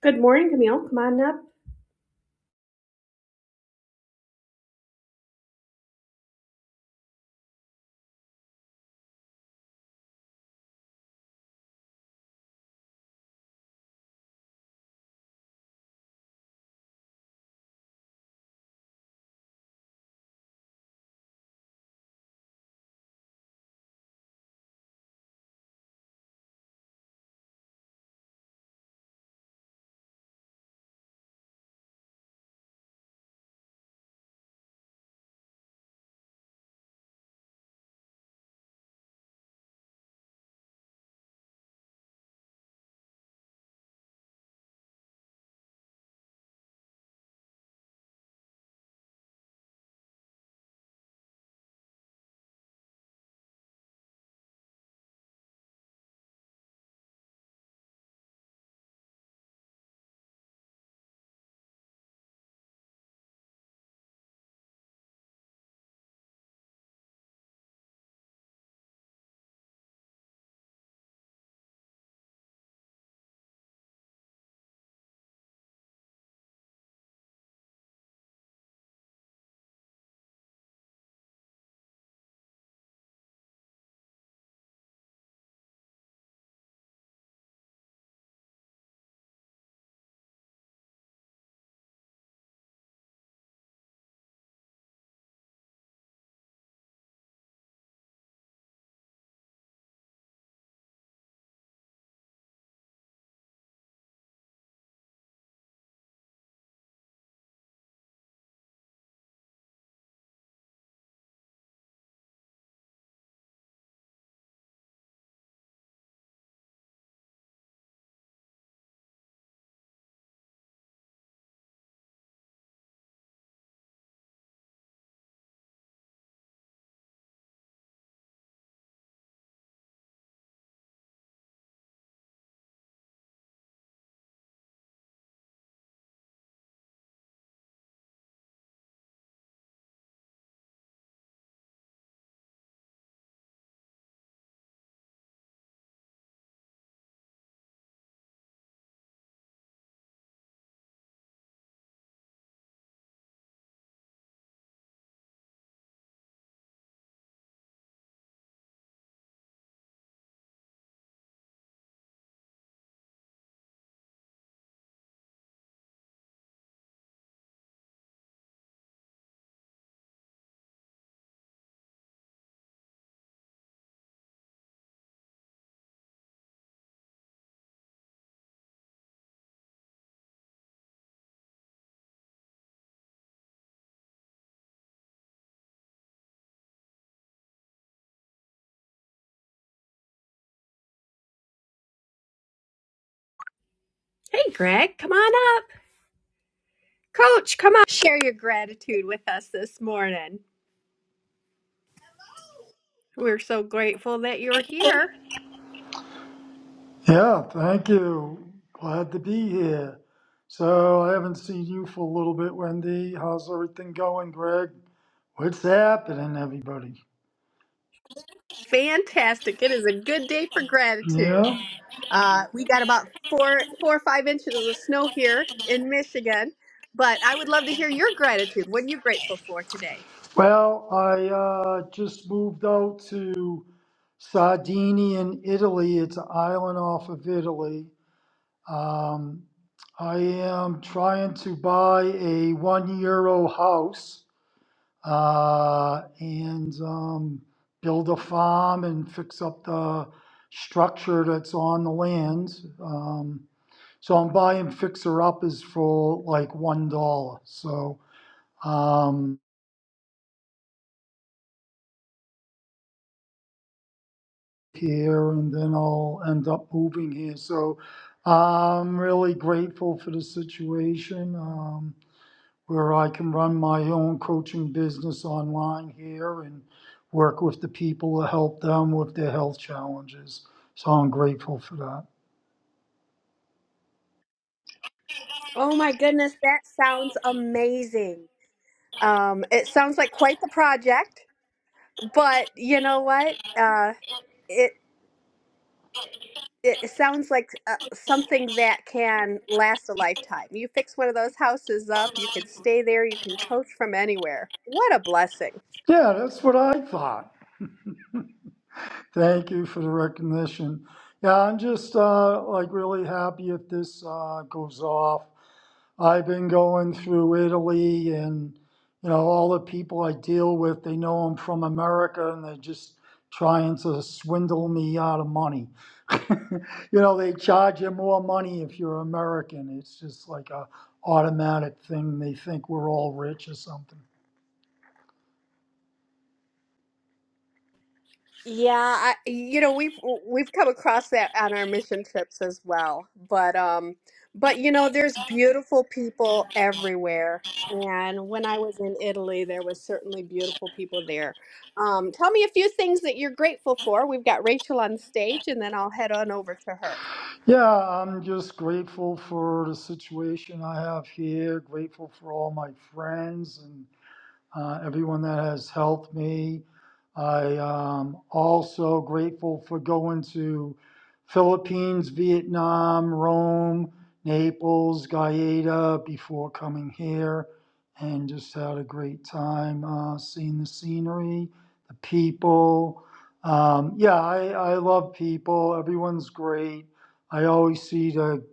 Good morning, Camille. Come on up. Hey, Greg, come on up. Coach, come on. Share your gratitude with us this morning. We're so grateful that you're here. Yeah, thank you. Glad to be here. So I haven't seen you for a little bit, Wendy. How's everything going, Greg? What's happening, everybody? Fantastic. It is a good day for gratitude. Yeah. Uh, we got about four, four or five inches of snow here in Michigan, but I would love to hear your gratitude. What are you grateful for today? Well, I uh, just moved out to Sardinia in Italy. It's an island off of Italy. Um, I am trying to buy a one euro house. uh, and um, build a farm and fix up the structure that's on the land. Um, so I'm buying fixer uppers for like one dollar. So um, here, and then I'll end up moving here. So I'm really grateful for the situation. Um, where I can run my own coaching business online here and work with the people to help them with their health challenges. So I'm grateful for that. Oh, my goodness, that sounds amazing. Um, it sounds like quite the project, but you know what? Uh, it it it sounds like uh, something that can last a lifetime. You fix one of those houses up, you can stay there, you can coach from anywhere. What a blessing. Yeah, that's what I thought. Thank you for the recognition. Yeah, I'm just uh, like really happy if this uh, goes off. I've been going through Italy and you know all the people I deal with, they know I'm from America and they're just trying to swindle me out of money. you know, they charge you more money if you're American. It's just like a automatic thing. They think we're all rich or something. Yeah, I, you know, we've we've come across that on our mission trips as well. But um but you know, there's beautiful people everywhere. And when I was in Italy, there was certainly beautiful people there. Um, tell me a few things that you're grateful for. We've got Rachel on stage, and then I'll head on over to her. Yeah, I'm just grateful for the situation I have here, grateful for all my friends, and uh, everyone that has helped me. I um, also grateful for going to Philippines, Vietnam, Rome, Naples, Gaeta before coming here, and just had a great time uh, seeing the scenery, the people. Um, yeah, I, I love people. Everyone's great. I always see the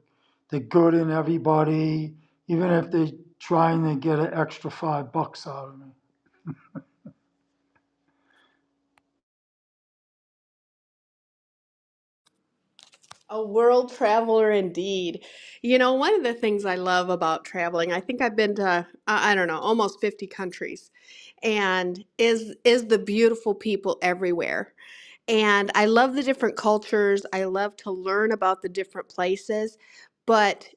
the good in everybody, even if they're trying to get an extra five bucks out of me. A world traveler indeed. You know, one of the things I love about traveling, I think I've been to, uh, I don't know, almost 50 countries, and is is the beautiful people everywhere. And I love the different cultures. I love to learn about the different places, but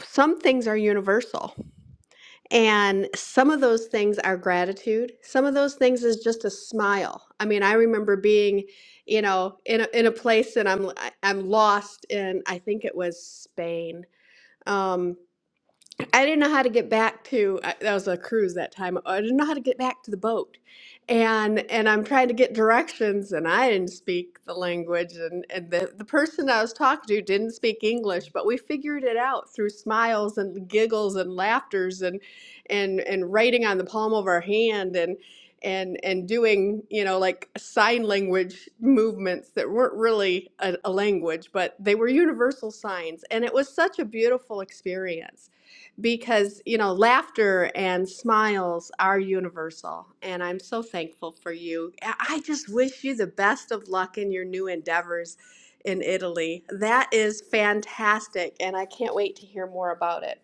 some things are universal. And some of those things are gratitude. Some of those things is just a smile. I mean, I remember being, you know, in a, in a place and I'm I- am i am lost in I think it was Spain. Um, I didn't know how to get back to I- that was a cruise that time. I didn't know how to get back to the boat, and and I'm trying to get directions, and I didn't speak the language, and and the the person I was talking to didn't speak English, but we figured it out through smiles and giggles and laughters and and and writing on the palm of our hand and. And, and doing you know like sign language movements that weren't really a, a language but they were universal signs and it was such a beautiful experience because you know laughter and smiles are universal and i'm so thankful for you i I just wish you the best of luck in your new endeavors in italy that is fantastic and i can't wait to hear more about it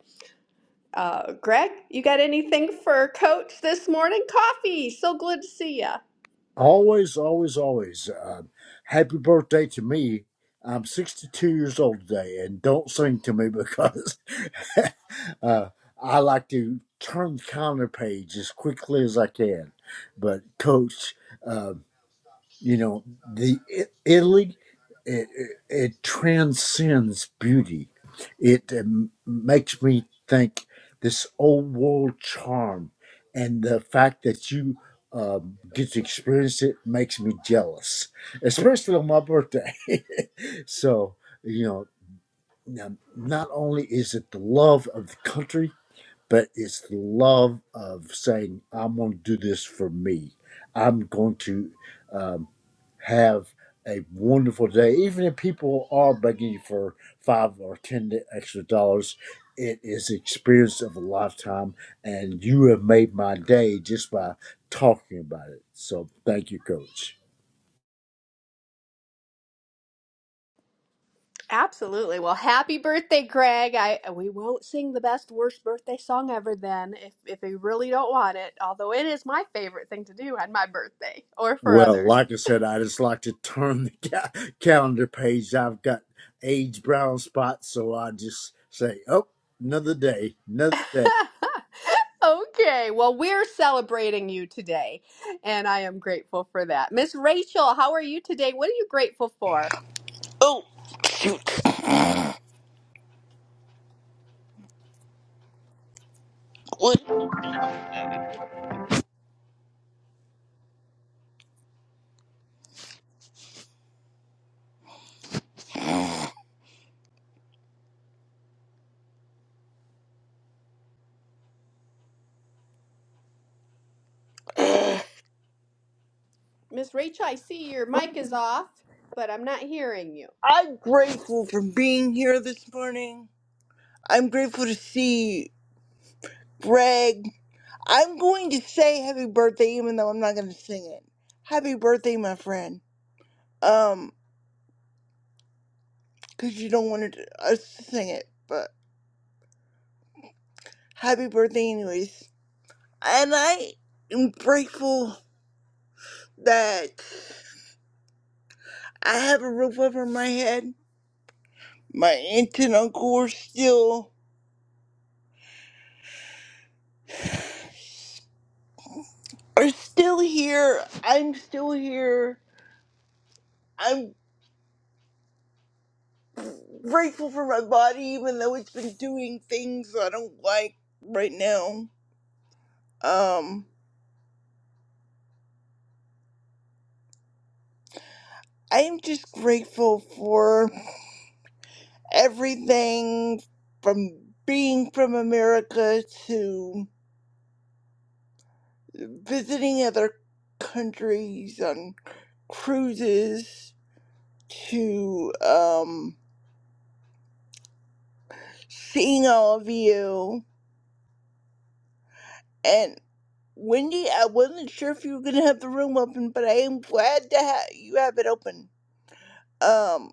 uh, greg you got anything for coach this morning coffee so good to see you Always, always, always. Um, happy birthday to me. I'm 62 years old today, and don't sing to me because uh, I like to turn the counter page as quickly as I can. But, Coach, uh, you know the it, Italy it, it, it transcends beauty it um, makes me think this old world charm and the fact that you um, get to experience it makes me jealous especially on my birthday so you know now, not only is it the love of the country but it's the love of saying, I'm going to do this for me. I'm going to um, have a wonderful day. Even if people are begging you for five or ten extra dollars, it is the experience of a lifetime, and you have made my day just by talking about it. So thank you, Coach. Absolutely. Well, happy birthday, Greg. I we won't sing the best worst birthday song ever then if if you really don't want it, although it is my favorite thing to do on my birthday or for Well, others. like I said, I just like to turn the ca- calendar page. I've got age brown spots, so I just say, oh, another day, another day. okay, well, we're celebrating you today, and I am grateful for that. Miss Rachel, how are you today? What are you grateful for? Oh, shoot. What? Miss Rachel, I see your mic is off, but I'm not hearing you. I'm grateful for being here this morning. I'm grateful to see Greg. I'm going to say happy birthday, even though I'm not going to sing it. Happy birthday, my friend. Um, because you don't want to, us to sing it, but happy birthday, anyways. And I am grateful that I have a roof over my head. My aunt and uncle are still are still here. I'm still here. I'm. grateful for my body, even though it's been doing things I don't like right now. Um, I am just grateful for everything from being from America to visiting other countries on cruises to um, seeing all of you. And Wendy, I wasn't sure if you were going to have the room open, but I am glad to have you have it open. Um,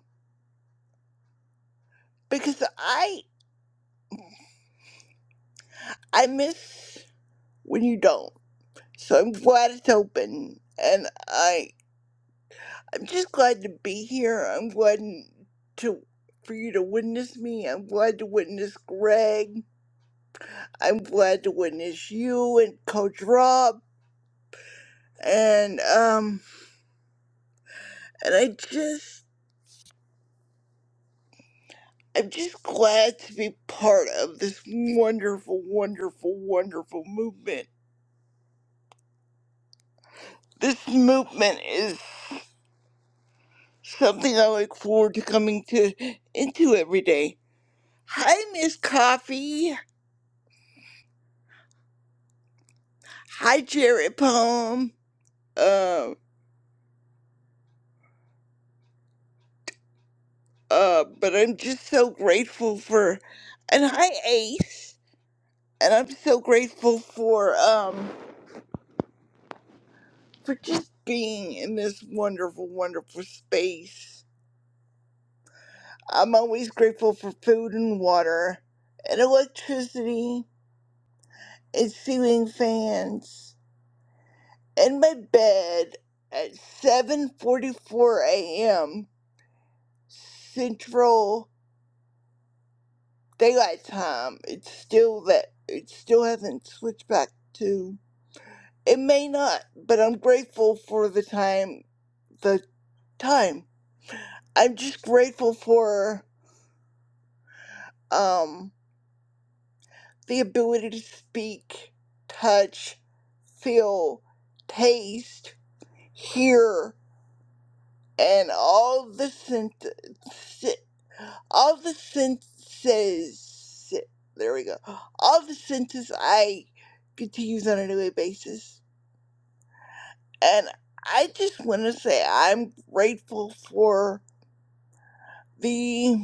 because I I miss when you don't. So I'm glad it's open, and I I'm just glad to be here. I'm glad to for you to witness me. I'm glad to witness Greg. I'm glad to witness you and Coach Rob, and um and I just. I'm just glad to be part of this wonderful, wonderful, wonderful movement. This movement is Something I look forward to coming to into every day. Hi, Miss Coffee. Hi, Jared Palm. Um, uh, but I'm just so grateful for, and hi, Ace. And I'm so grateful for um for just being in this wonderful, wonderful space. I'm always grateful for food and water and electricity and ceiling fans in my bed at 7:44 a.m. Central Daylight Time. It's still that it still hasn't switched back to. It may not, but I'm grateful for the time. The time. I'm just grateful for um the ability to speak, touch, feel, taste, hear, and all the sense All the senses, there we go. All the senses I get to use on a daily basis. And I just want to say I'm grateful for the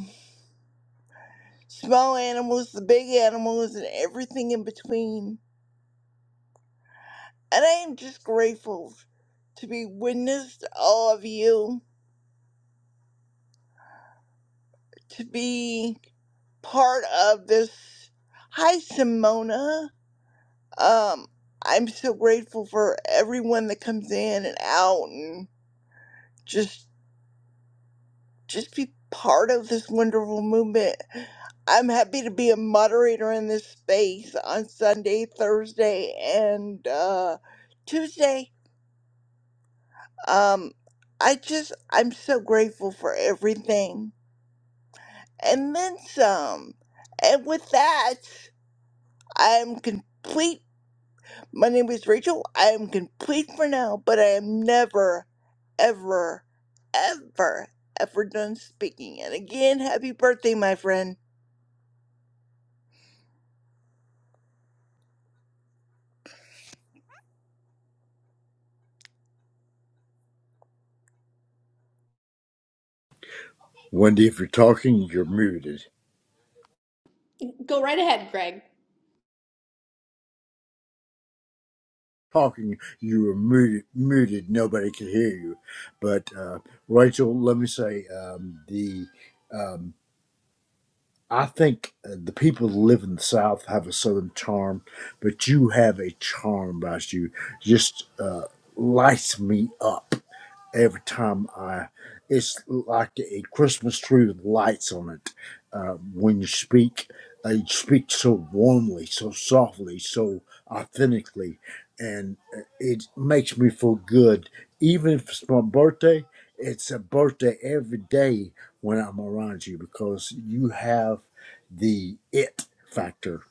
small animals, the big animals, and everything in between. And I am just grateful to be witnessed to all of you, to be part of this. Hi, Simona. Um, I'm so grateful for everyone that comes in and out and just just be part of this wonderful movement. I'm happy to be a moderator in this space on Sunday, Thursday, and uh, Tuesday. Um, I just I'm so grateful for everything and then some. And with that, I'm complete My name is Rachel. I am complete for now, but I am never, ever, ever, ever done speaking. And again, happy birthday, my friend. Wendy, if you're talking, you're muted. Go right ahead, Greg. Talking, you were muted, muted. Nobody could hear you. But uh, Rachel, let me say, um, the um, I think uh, the people who live in the South have a Southern charm, but you have a charm about you. Just uh, lights me up every time I, it's like a Christmas tree with lights on it. Uh, when you speak, uh, you speak so warmly, so softly, so authentically, and uh, it makes me feel good. Even if it's my birthday, it's a birthday every day when I'm around you because you have the it factor.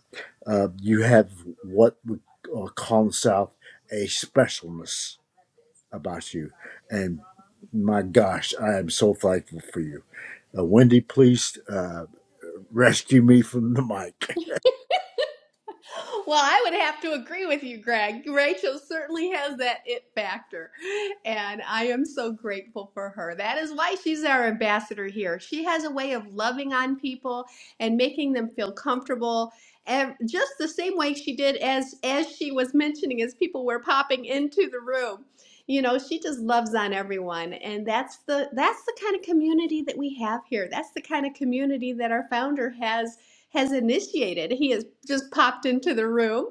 Uh, you have what we uh, call in the South a specialness about you. And my gosh, I am so thankful for you. Uh, Wendy, please uh, rescue me from the mic. Well, I would have to agree with you, Greg. Rachel certainly has that it factor. And I am so grateful for her. That is why she's our ambassador here. She has a way of loving on people and making them feel comfortable. And just the same way she did as as she was mentioning as people were popping into the room. You know, she just loves on everyone. And that's the that's the kind of community that we have here. That's the kind of community that our founder has has initiated. He has just popped into the room,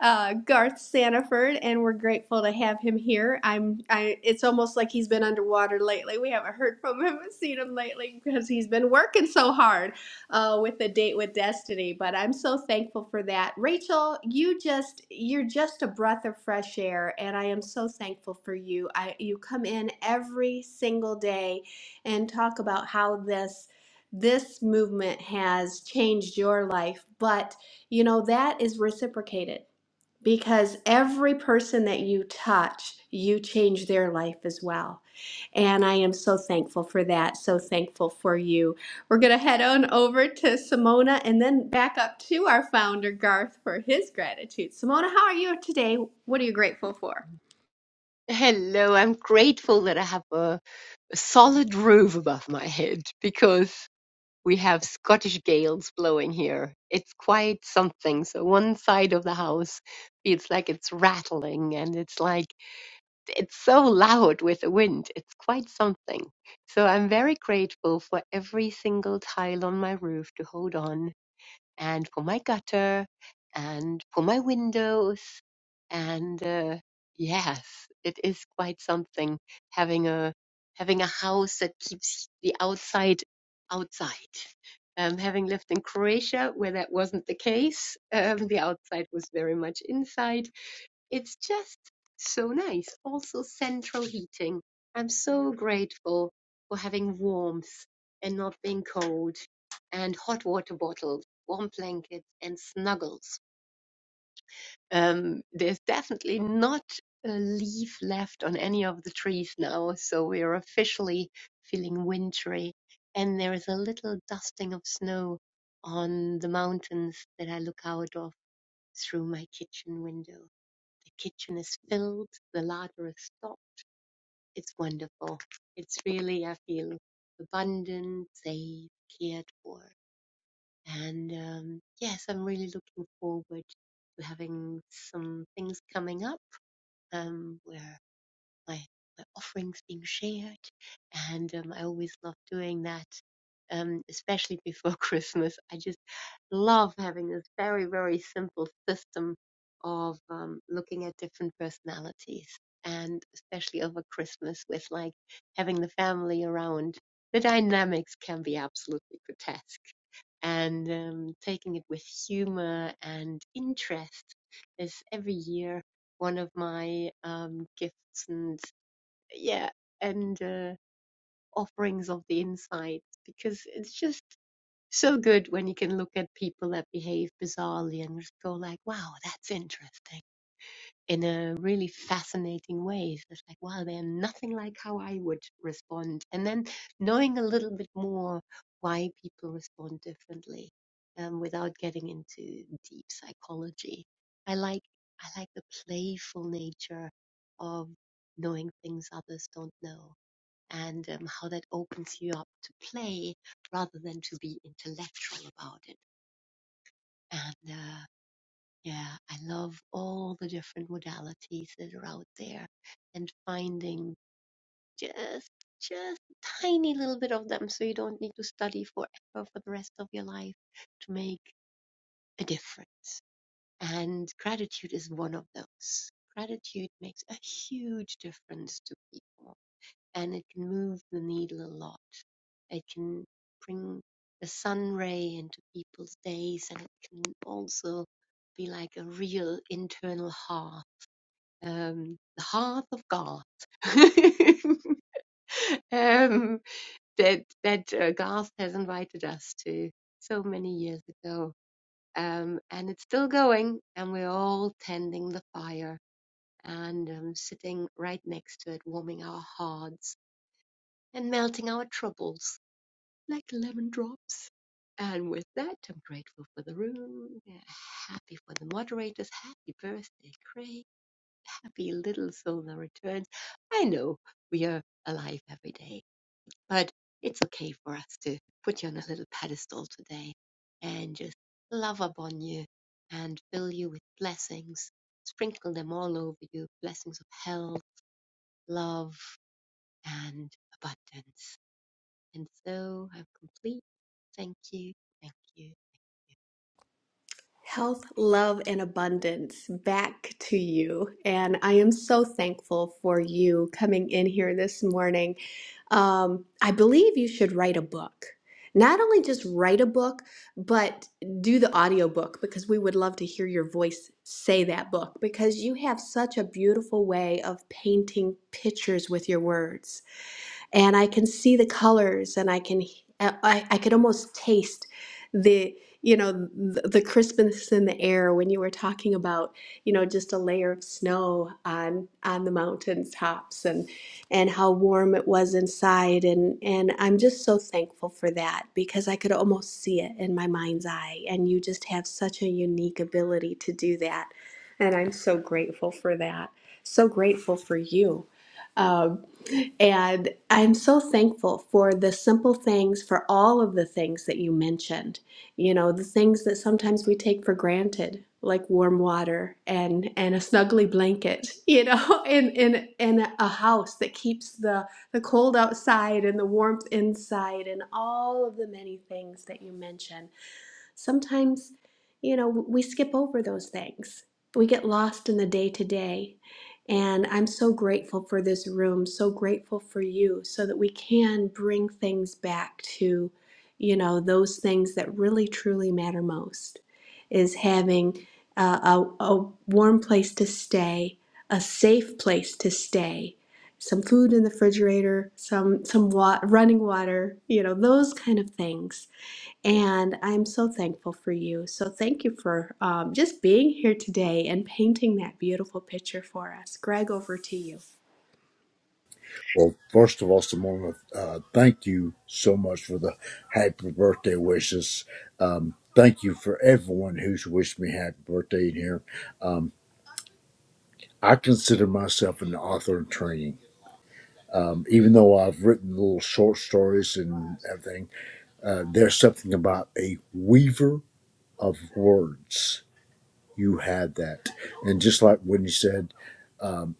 uh, Garth Sanaford, and we're grateful to have him here. I'm. I. It's almost like he's been underwater lately. We haven't heard from him, and seen him lately because he's been working so hard uh, with the date with Destiny. But I'm so thankful for that, Rachel. You just you're just a breath of fresh air, and I am so thankful for you. I you come in every single day and talk about how this this movement has changed your life but you know that is reciprocated because every person that you touch you change their life as well and i am so thankful for that so thankful for you we're going to head on over to simona and then back up to our founder garth for his gratitude simona how are you today what are you grateful for Hello, I'm grateful that I have a, a solid roof above my head because we have Scottish gales blowing here. It's quite something. So one side of the house feels like it's rattling and it's like it's so loud with the wind. It's quite something. So I'm very grateful for every single tile on my roof to hold on and for my gutter and for my windows. And uh, yes, it is quite something having a having a house that keeps the outside outside. Um, having lived in Croatia, where that wasn't the case, um, the outside was very much inside it's just so nice. Also, central heating. I'm so grateful for having warmth and not being cold, and hot water bottles, warm blankets, and snuggles. Um, there's definitely not a leaf left on any of the trees now, so we are officially feeling wintry. And there is a little dusting of snow on the mountains that I look out of through my kitchen window. The kitchen is filled, the larder is stocked. It's wonderful. It's really, I feel abundant, safe, cared for. And um, yes, I'm really looking forward to having some things coming up um, where my, my offerings being shared. And um, I always love doing that, um, especially before Christmas. I just love having this very, very simple system of um, looking at different personalities. And especially over Christmas, with like having the family around, the dynamics can be absolutely grotesque. And um, taking it with humor and interest is every year one of my um, gifts and yeah and uh, offerings of the insight because it's just so good when you can look at people that behave bizarrely and just go like wow that's interesting in a really fascinating way. So it's like, wow, they're nothing like how I would respond. And then knowing a little bit more why people respond differently um, without getting into deep psychology. I like I like the playful nature of knowing things others don't know and um, how that opens you up to play rather than to be intellectual about it. And uh, yeah, I love all the different modalities that are out there and finding just just tiny little bit of them so you don't need to study forever for the rest of your life to make a difference. And gratitude is one of those. Gratitude makes a huge difference to people and it can move the needle a lot. It can bring the sun ray into people's days, and it can also be like a real internal hearth, um, the hearth of Garth. um, that that uh, Garth has invited us to so many years ago, um, and it's still going, and we're all tending the fire and um, sitting right next to it, warming our hearts and melting our troubles like lemon drops. And with that, I'm grateful for the room, yeah, happy for the moderators, happy birthday, Craig, happy little solar returns. I know we are alive every day, but it's okay for us to put you on a little pedestal today and just love upon you and fill you with blessings, sprinkle them all over you blessings of health, love, and abundance and so I'm complete. Thank you. Thank you. Health, love, and abundance back to you. And I am so thankful for you coming in here this morning. Um, I believe you should write a book. Not only just write a book, but do the audiobook because we would love to hear your voice say that book because you have such a beautiful way of painting pictures with your words and I can see the colors and I can I, I could almost taste the you know the, the crispness in the air when you were talking about you know just a layer of snow on on the mountain tops and and how warm it was inside and and I'm just so thankful for that because I could almost see it in my mind's eye and you just have such a unique ability to do that and I'm so grateful for that so grateful for you Um, and I'm so thankful for the simple things, for all of the things that you mentioned. You know, the things that sometimes we take for granted, like warm water and and a snuggly blanket, you know, and in in a house that keeps the the cold outside and the warmth inside and all of the many things that you mentioned sometimes, you know, we skip over those things. We get lost in the day to day. And I'm so grateful for this room, so grateful for you, so that we can bring things back to, you know, those things that really truly matter most is having uh, a, a warm place to stay, a safe place to stay, some food in the refrigerator, some some wa- running water, you know, those kind of things and I'm so thankful for you. So thank you for um, just being here today and painting that beautiful picture for us. Greg, over to you. Well, first of all, Simona, uh, thank you so much for the happy birthday wishes. Um, thank you for everyone who's wished me happy birthday in here. Um, I consider myself an author in training. Um, even though I've written little short stories and everything, uh, there's something about a weaver of words you had that. And just like when you said, um,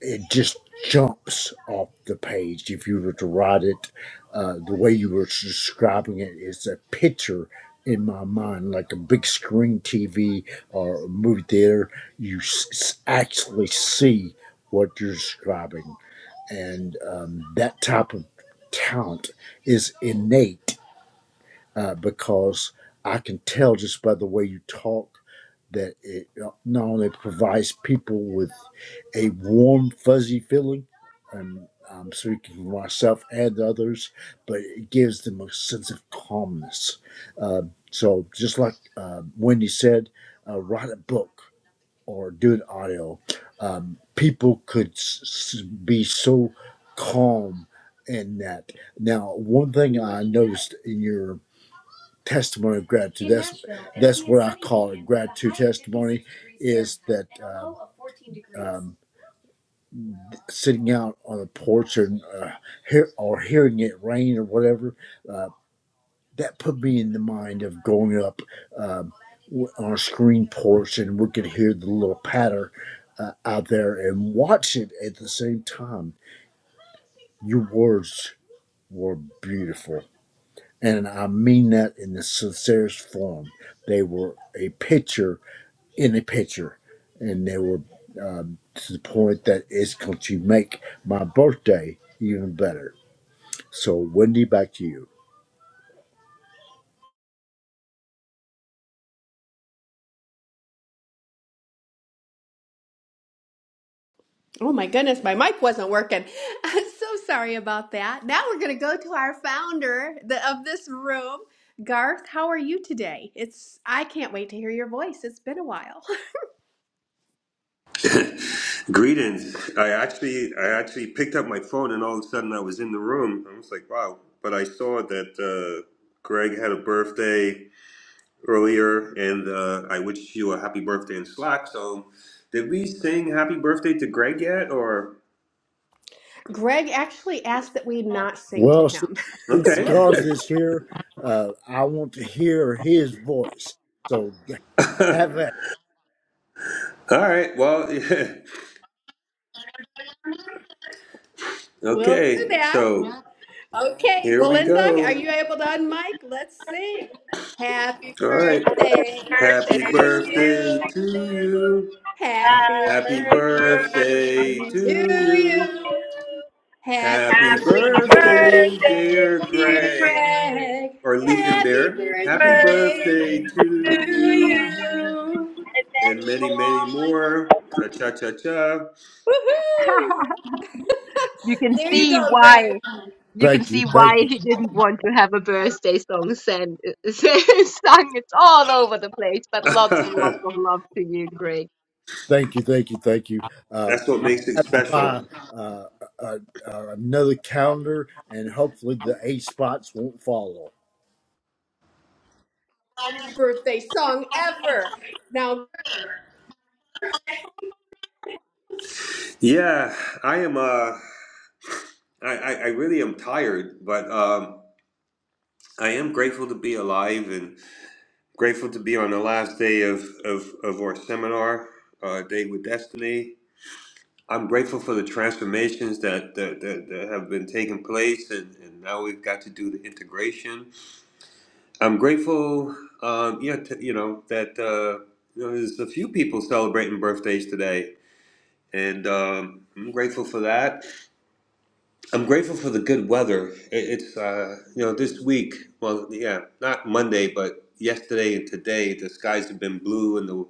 it just jumps off the page. If you were to write it, uh, the way you were describing it, it's a picture in my mind, like a big screen TV or a movie theater. You s- s- actually see what you're describing. And um, that type of talent is innate uh, because I can tell just by the way you talk that it not only provides people with a warm, fuzzy feeling, and I'm speaking for myself and others, but it gives them a sense of calmness. Uh, so, just like uh, Wendy said, uh, write a book or do an audio. Um, people could s- s- be so calm in that. Now, one thing I noticed in your testimony of gratitude. That's that's what I call a gratitude testimony. Is that um, um, sitting out on the porch and uh, hear, or hearing it rain or whatever? Uh, that put me in the mind of going up um, on a screen porch and we could hear the little patter uh, out there and watch it at the same time. Your words were beautiful. And I mean that in the sincerest form. They were a picture in the picture, and they were um, to the point that it's going to make my birthday even better. So, Wendy, back to you. Oh my goodness, my mic wasn't working. I'm so sorry about that. Now we're going to go to our founder the, of this room. Garth, how are you today? It's I can't wait to hear your voice. It's been a while. Greetings. I actually I actually picked up my phone and all of a sudden I was in the room. I was like, wow. But I saw that uh, Greg had a birthday earlier and uh, I wish you a happy birthday in Slack. So did we sing happy birthday to Greg yet or Greg actually asked that we not sing to Well, since, him. since okay. Garth is here, uh, I want to hear his voice. So, have all that. right. Well, We'll do okay. that. So Okay, here we Belinda, go. are you able to unmic? Let's sing. Happy All right. birthday birthday to Happy to you. birthday you. to you. Happy Happy Happy birthday birthday birthday to to you. to you. you. Happy Happy Happy birthday, to birthday, birthday, dear Fred. dear Greg. Greg. Or Happy Leaping Happy Bear. Happy birthday birthday birthday to to you. to you. you. And And many many, many more. more. Cha cha cha cha. Woohoo! you can there you see go, Greg. why you can Thank you, see why thank you, he didn't want to have a birthday song sent, sung. It's all over the place, but lots and lots of love to you, Greg. thank you, thank you, thank you. Uh, That's what I makes it have to buy special. uh, a, a, another calendar, and hopefully the eight spots won't follow. Birthday song ever. Now, Yeah, I am uh I, I, I really am tired, but um I am grateful to be alive and grateful to be on the last day of, of, of our seminar, uh, Day with Destiny. I'm grateful for the transformations that that, that, that have been taking place, and, and now we've got to do the integration. I'm grateful, um, yeah, to, you know that uh, you know there's a few people celebrating birthdays today, and um, I'm grateful for that. I'm grateful for the good weather. It, it's uh, you know this week, well, yeah, not Monday, but yesterday and today, the skies have been blue, and the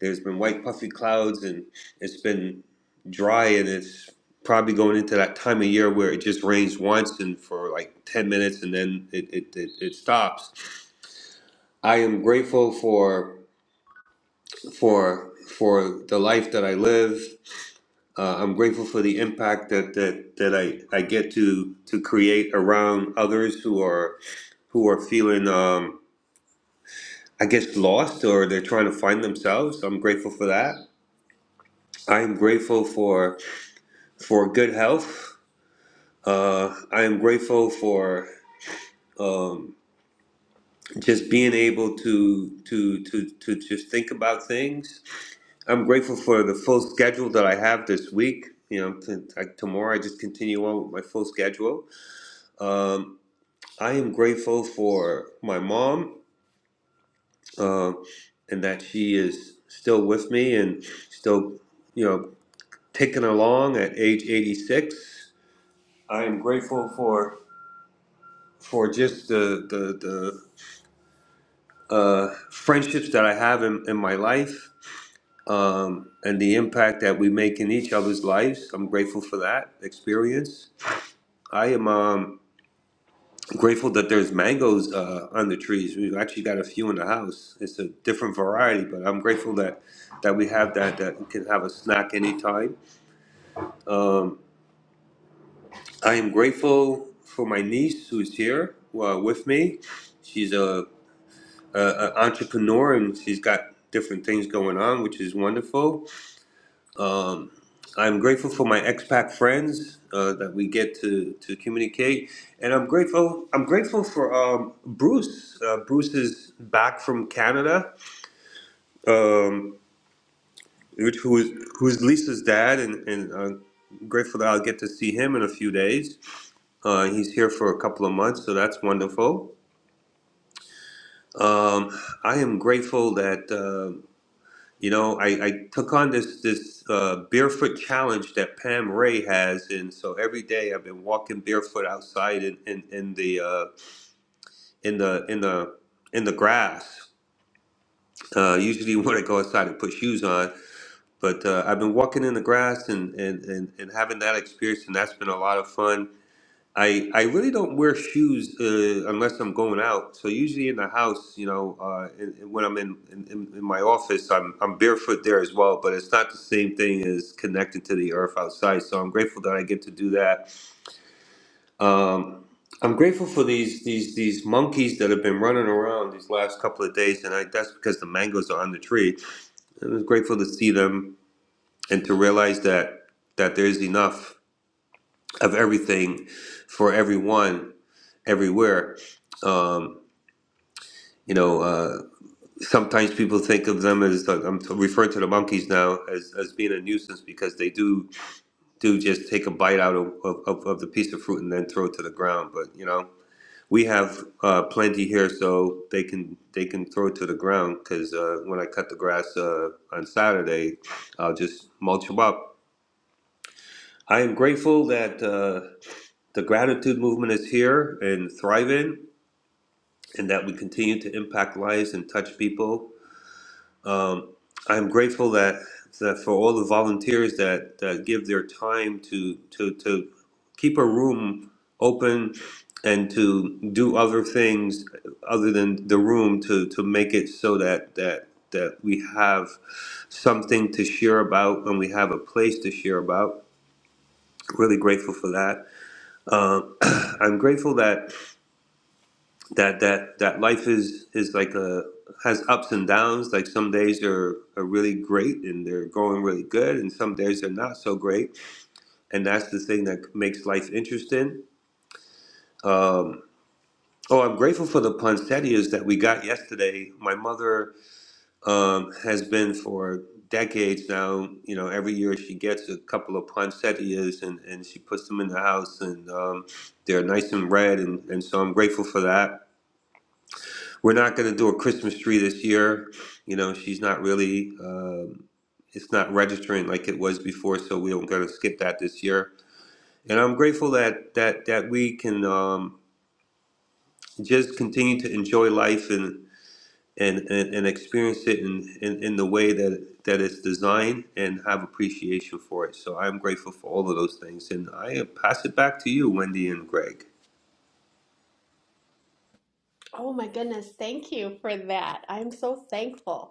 there's been white puffy clouds and it's been dry and it's probably going into that time of year where it just rains once and for like 10 minutes and then it, it, it, it stops. I am grateful for for for the life that I live. Uh, I'm grateful for the impact that, that, that I, I get to to create around others who are who are feeling um, I guess lost or they're trying to find themselves. I'm grateful for that. I'm grateful for for good health. Uh, I am grateful for um, just being able to to to to just think about things. I'm grateful for the full schedule that I have this week. You know, t- t- tomorrow I just continue on with my full schedule. Um, I am grateful for my mom uh, and that she is still with me and still, you know, ticking along at age 86. I am grateful for for just the the, the uh, friendships that I have in, in my life um, and the impact that we make in each other's lives. I'm grateful for that experience. I am um, grateful that there's mangoes uh, on the trees. We've actually got a few in the house. It's a different variety, but I'm grateful that that we have that that we can have a snack anytime. Um, I am grateful for my niece who's here uh, with me. She's a, a, a entrepreneur and she's got different things going on, which is wonderful. Um, I'm grateful for my expat friends uh, that we get to, to communicate, and I'm grateful. I'm grateful for um, Bruce. Uh, Bruce is back from Canada, um, which who is who's Lisa's dad, and and uh, grateful that I'll get to see him in a few days. Uh, he's here for a couple of months, so that's wonderful. Um, I am grateful that. Uh, You know, I, I took on this this uh, barefoot challenge that Pam Ray has, and so every day I've been walking barefoot outside in in, in the uh, in the in the in the grass. Uh, usually, when I go outside, I put shoes on, but uh, I've been walking in the grass and, and and and having that experience, and that's been a lot of fun I I really don't wear shoes uh, unless I'm going out. So usually in the house, you know, uh, and, and when I'm in, in in in my office, I'm I'm barefoot there as well. But it's not the same thing as connected to the earth outside. So I'm grateful that I get to do that. Um, I'm grateful for these these these monkeys that have been running around these last couple of days, and I, that's because the mangoes are on the tree. And I'm grateful to see them and to realize that that there's enough of everything for everyone everywhere. Um, you know, uh, sometimes people think of them as like, I'm referring to the monkeys now as, as being a nuisance because they do do just take a bite out of, of, of the piece of fruit and then throw it to the ground. But you know, we have uh, plenty here, so they can they can throw it to the ground because uh, when I cut the grass uh, on Saturday, I'll just mulch them up. I am grateful that uh, the gratitude movement is here and thriving and that we continue to impact lives and touch people. Um, I'm grateful that, that for all the volunteers that, that give their time to, to, to keep a room open and to do other things other than the room to, to make it so that, that, that we have something to share about and we have a place to share about. Really grateful for that. Um, I'm grateful that that that that life is is like a has ups and downs. Like some days are are really great and they're going really good, and some days they're not so great. And that's the thing that makes life interesting. Um, oh, I'm grateful for the poinsettias that we got yesterday. My mother um, has been for decades now. You know, every year she gets a couple of poinsettias and and she puts them in the house, and um, they're nice and red. And and so I'm grateful for that We're not going to do a Christmas tree this year. You know, she's not really, um, it's not registering like it was before, so we're going to skip that this year. And I'm grateful that that that we can um, just continue to enjoy life and and and, and experience it in, in in the way that that it's designed and have appreciation for it. So I'm grateful for all of those things, and I pass it back to you, Wendy and Greg. oh my goodness, thank you for that. I'm so thankful.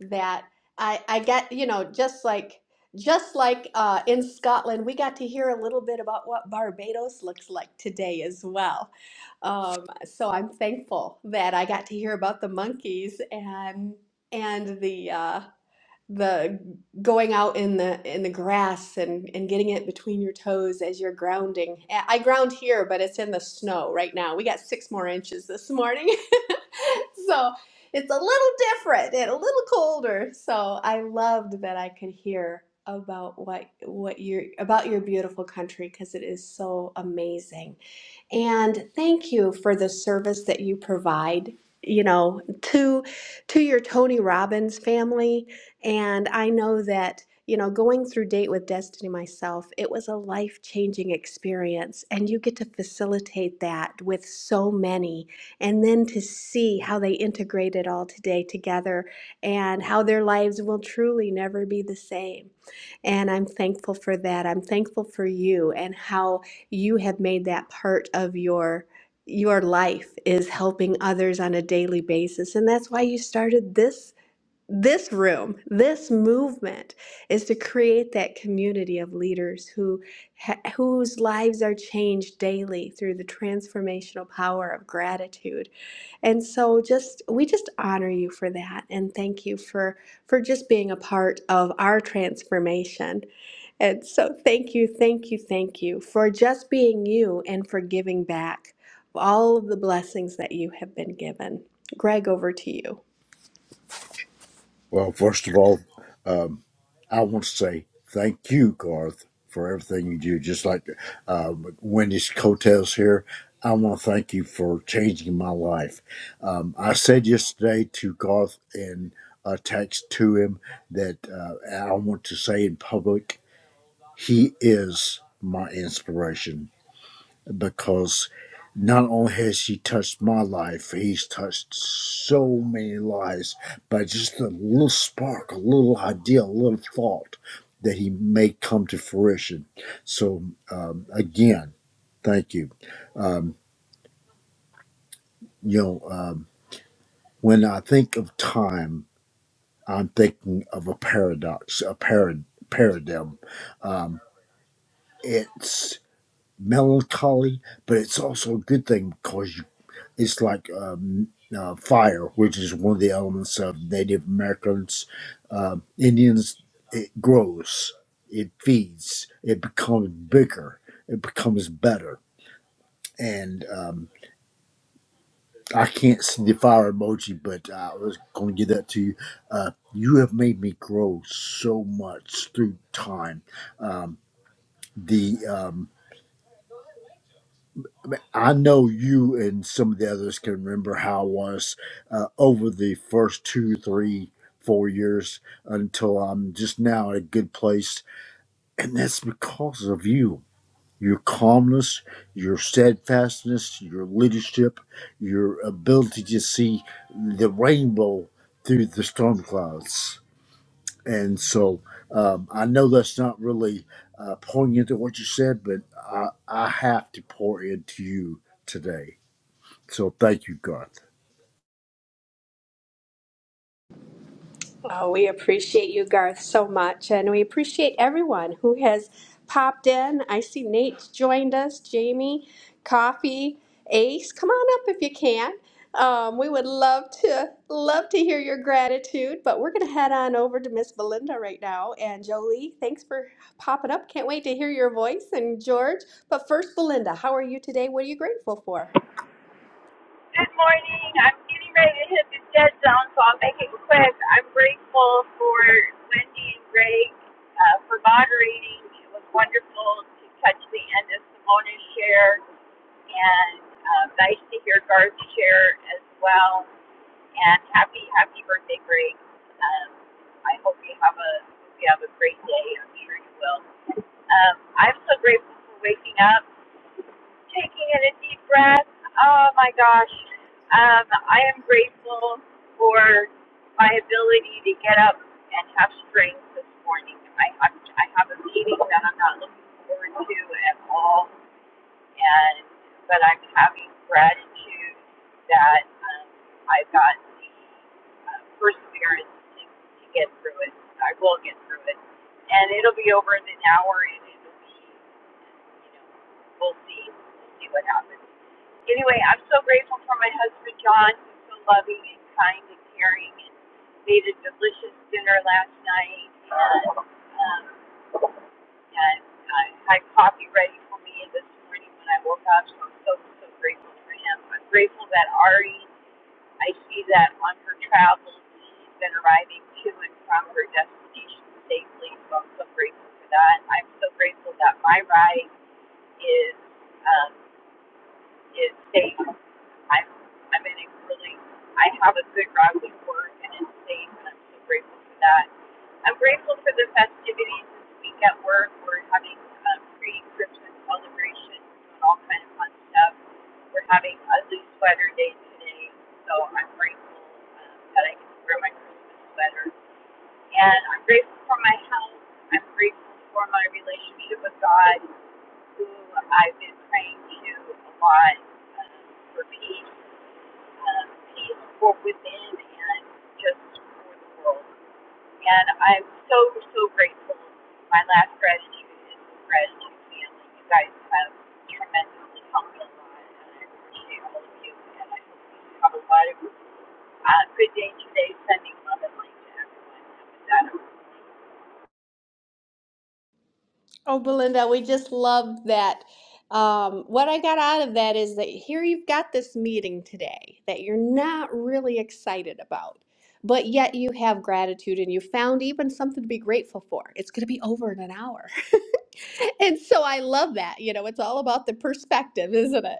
that I I got, you know, just like just like uh, in Scotland, we got to hear a little bit about what Barbados looks like today as well. Um, so I'm thankful that I got to hear about the monkeys and and the uh, the going out in the in the grass and and getting it between your toes as you're grounding. I ground here, but it's in the snow right now. We got six more inches this morning, so it's a little different and a little colder. So I loved that I could hear about what what your about your beautiful country because it is so amazing. And thank you for the service that you provide, you know, to to your Tony Robbins family and I know that, you know, going through Date with Destiny myself, it was a life changing experience. And you get to facilitate that with so many. And then to see how they integrate it all today together and how their lives will truly never be the same. And I'm thankful for that. I'm thankful for you and how you have made that part of your your life is helping others on a daily basis and that's why you started this this room, this movement is to create that community of leaders who ha- whose lives are changed daily through the transformational power of gratitude. And so just we just honor you for that and thank you for for just being a part of our transformation. And so thank you, thank you, thank you for just being you and for giving back all of the blessings that you have been given. Greg, over to you. Well, first of all, um, I want to say thank you, Garth, for everything you do. Just like uh, Wendy's coattails here, I want to thank you for changing my life. Um, I said yesterday to Garth in a text to him that uh, I want to say in public, he is my inspiration because not only has he touched my life, he's touched so many lives by just a little spark, a little idea, a little thought that he may come to fruition. So, um, again, thank you. Um, you know, um, when I think of time, I'm thinking of a paradox, a parad- paradigm. Um, it's melancholy, but it's also a good thing because It's like um, uh, fire, which is one of the elements of Native Americans, uh, Indians. It grows, it feeds, it becomes bigger, it becomes better. And um, I can't see the fire emoji, but I was going to give that to you. Uh, you have made me grow so much through time. Um, the um, I know you and some of the others can remember how it was uh, over the first two, three, four years until I'm just now at a good place. And that's because of you. Your calmness, your steadfastness, your leadership, your ability to see the rainbow through the storm clouds. And so um, I know that's not really uh, pouring into what you said, but I, I have to pour into you today. So thank you, God. Oh, we appreciate you, Garth, so much, and we appreciate everyone who has popped in. I see Nate's joined us, Jamie, Coffee, Ace. Come on up if you can. Um, we would love to love to hear your gratitude, but we're going to head on over to Miss Belinda right now. And Jolie, thanks for popping up. Can't wait to hear your voice. And George, but first, Belinda, how are you today? What are you grateful for? Good morning. I'm getting ready to hit the dead zone, so I'll make it quick. I'm grateful for Wendy and Greg uh, for moderating. It was wonderful to touch the end of Simona's share. and uh, nice to hear Garth share as well. And happy, happy birthday, Greg. Um, I hope you have a you have a great day. I'm sure you will. Um, I'm so grateful for waking up, taking in a deep breath. Oh my gosh, um, I am grateful for my ability to get up and have strength this morning. I have I have a meeting that I'm not looking forward to at all and but I'm having gratitude that um, I've got the uh, perseverance to, to get through it. I will get through it, and it'll be over in an hour, and it'll be, you know, we'll see, we'll see what happens. Anyway, I'm so grateful for my husband John, who's so loving and kind and caring, and made a delicious dinner last night. And, um, and I had coffee ready for me this morning when I woke up. So I'm so so grateful for him. I'm grateful that Ari, I see that on her travels, she's been arriving to and from her destination safely. So I'm so grateful for that. I'm so grateful that my ride is um, is safe. I'm I'm in a really I have a good route to work and it's safe and I'm so grateful for that. I'm grateful for the festivities this week at work. We're having um, pre Christmas celebrations, doing all kind of fun stuff. We're having ugly sweater day today, so I'm grateful um, that I can wear my Christmas sweater. And I'm grateful for my health. I'm grateful for my relationship with God who I've been praying to a lot um, for peace, um, peace for within and just for the world. And I'm so, so grateful. My last gratitude is the gratitude family. You guys have tremendously helped me a lot, and I appreciate all of you. And I hope you have a lot of uh, good day today, sending love and light to everyone. And with that, Oh, Belinda, we just love that. Um, what I got out of that is that here you've got this meeting today that you're not really excited about, but yet you have gratitude and you found even something to be grateful for. It's going to be over in an hour and so I love that. You know, it's all about the perspective, isn't it?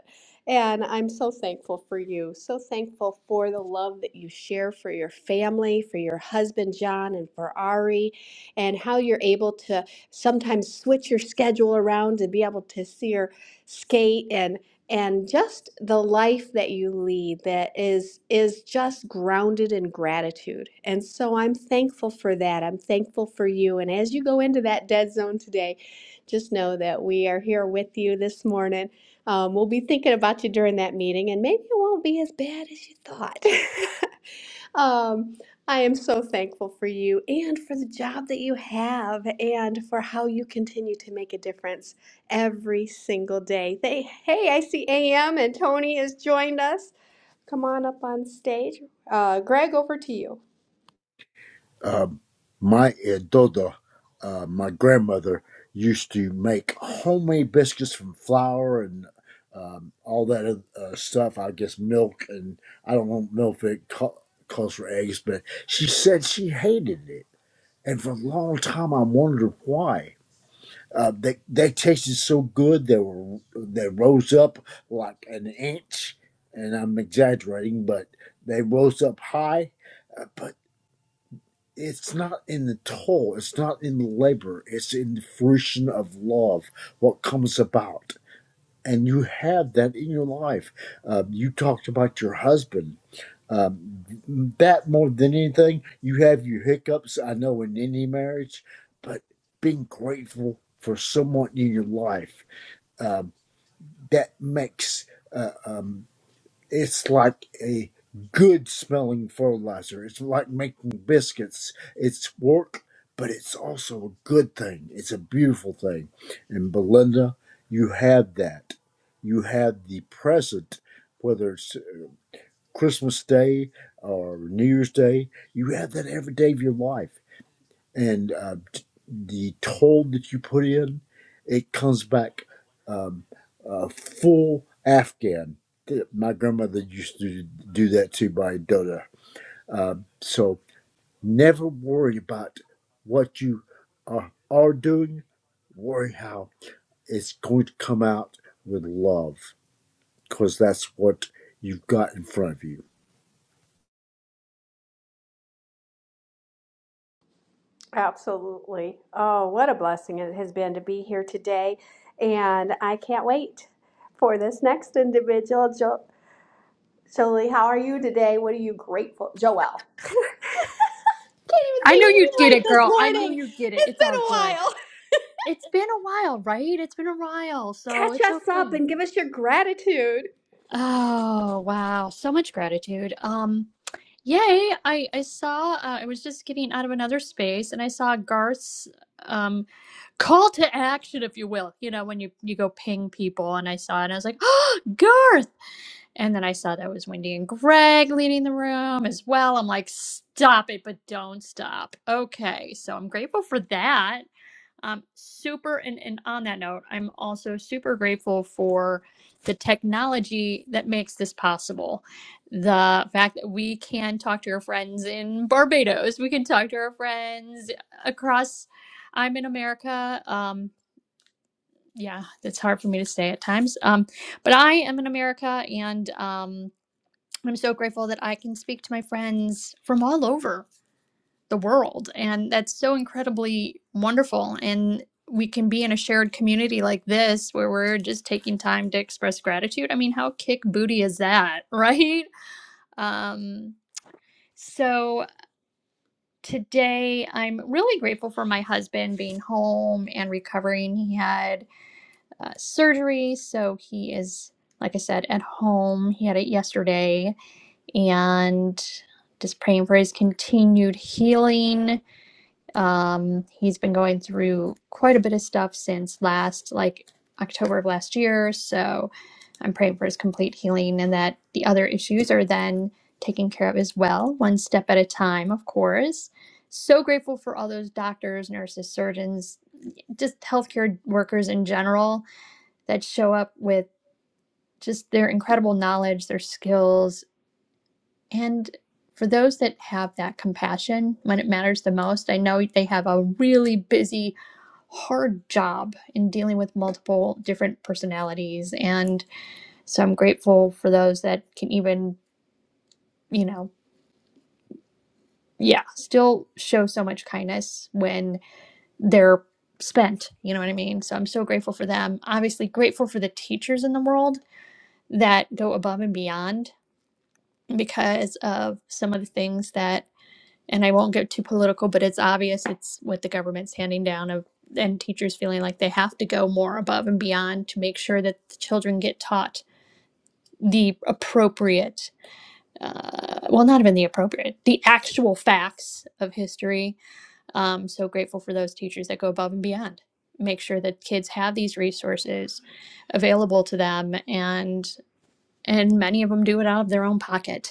And I'm so thankful for you. So thankful for the love that you share for your family, for your husband, John, and for Ari, and how you're able to sometimes switch your schedule around to be able to see her skate and and just the life that you lead that is is just grounded in gratitude and so i'm thankful for that i'm thankful for you and as you go into that dead zone today just know that we are here with you this morning. Um, we'll be thinking about you during that meeting, and maybe it won't be as bad as you thought. um, I am so thankful for you and for the job that you have and for how you continue to make a difference every single day. They, hey, I see AM and Tony has joined us. Come on up on stage. Uh, Greg, over to you. Um, my uh, dodo, uh, my grandmother, used to make homemade biscuits from flour and um, all that uh, stuff. I guess milk and I don't know if it ca- calls for eggs, but she said she hated it. And for a long time, I wondered why. Uh, they they tasted so good. They were they rose up like an inch, and I'm exaggerating, but they rose up high Uh, but. it's not in the toil, it's not in the labor, it's in the fruition of love, what comes about. And you have that in your life. Um, you talked about your husband. Um, that more than anything, you have your hiccups, I know, in any marriage, but being grateful for someone in your life, um, that makes. uh, um, it's like a good smelling fertilizer. It's like making biscuits. It's work, but it's also a good thing. It's a beautiful thing. And Belinda, you have that. You have the present, whether it's Christmas Day or New Year's Day. You have that every day of your life and uh, the toll that you put in, it comes back um, uh, full Afghan. Th- My grandmother used to do that too by Dota. Um, so never worry about what you are, are doing. Worry how it's going to come out with love, because that's what you've got in front of you. Absolutely. Oh, what a blessing it has been to be here today. And I can't wait for this next individual. Jo- Jolie, how are you today? What are you grateful? Joelle. Can't even I say knew your you'd name get right it, this girl. I knew morning. you'd get it. It's It's all been a good. while. It's been a while, right? It's been a while, so Catch it's us up okay. and give us your gratitude. Oh, wow. So much gratitude. Um, yay. I I saw uh, I was just getting out of another space and I saw Garth's um call to action, if you will. You know, when you you go ping people and I saw it and I was like, "Oh, Garth!" And then I saw that was Wendy and Greg leading the room as well. I'm like, "Stop it, but don't stop." Okay. So I'm grateful for that. Um, super, and, and on that note, I'm also super grateful for the technology that makes this possible. The fact that we can talk to our friends in Barbados, we can talk to our friends across, I'm in America. Um, yeah, it's hard for me to say at times. Um, but I am in America, and um, I'm so grateful that I can speak to my friends from all over the world. And that's so incredibly wonderful. And we can be in a shared community like this where we're just taking time to express gratitude. I mean, how kick booty is that, right? Um, so today I'm really grateful for my husband being home and recovering. He had uh, surgery, so he is, like I said, at home. He had it yesterday. And just praying for his continued healing Um, he's been going through quite a bit of stuff since last, like October of last year. So I'm praying for his complete healing and that the other issues are then taken care of as well, one step at a time, of course. So grateful for all those doctors, nurses, surgeons, just healthcare workers in general that show up with just their incredible knowledge, their skills, and for those that have that compassion when it matters the most. I know they have a really busy hard job in dealing with multiple different personalities and so i'm grateful for those that can even you know yeah still show so much kindness when they're spent you know what i mean so i'm so grateful for them obviously grateful for the teachers in the world that go above and beyond because of some of the things that and I won't get too political, but it's obvious it's what the government's handing down of and teachers feeling like they have to go more above and beyond to make sure that the children get taught the appropriate uh, well not even the appropriate the actual facts of history um, so grateful for those teachers that go above and beyond make sure that kids have these resources available to them and and many of them do it out of their own pocket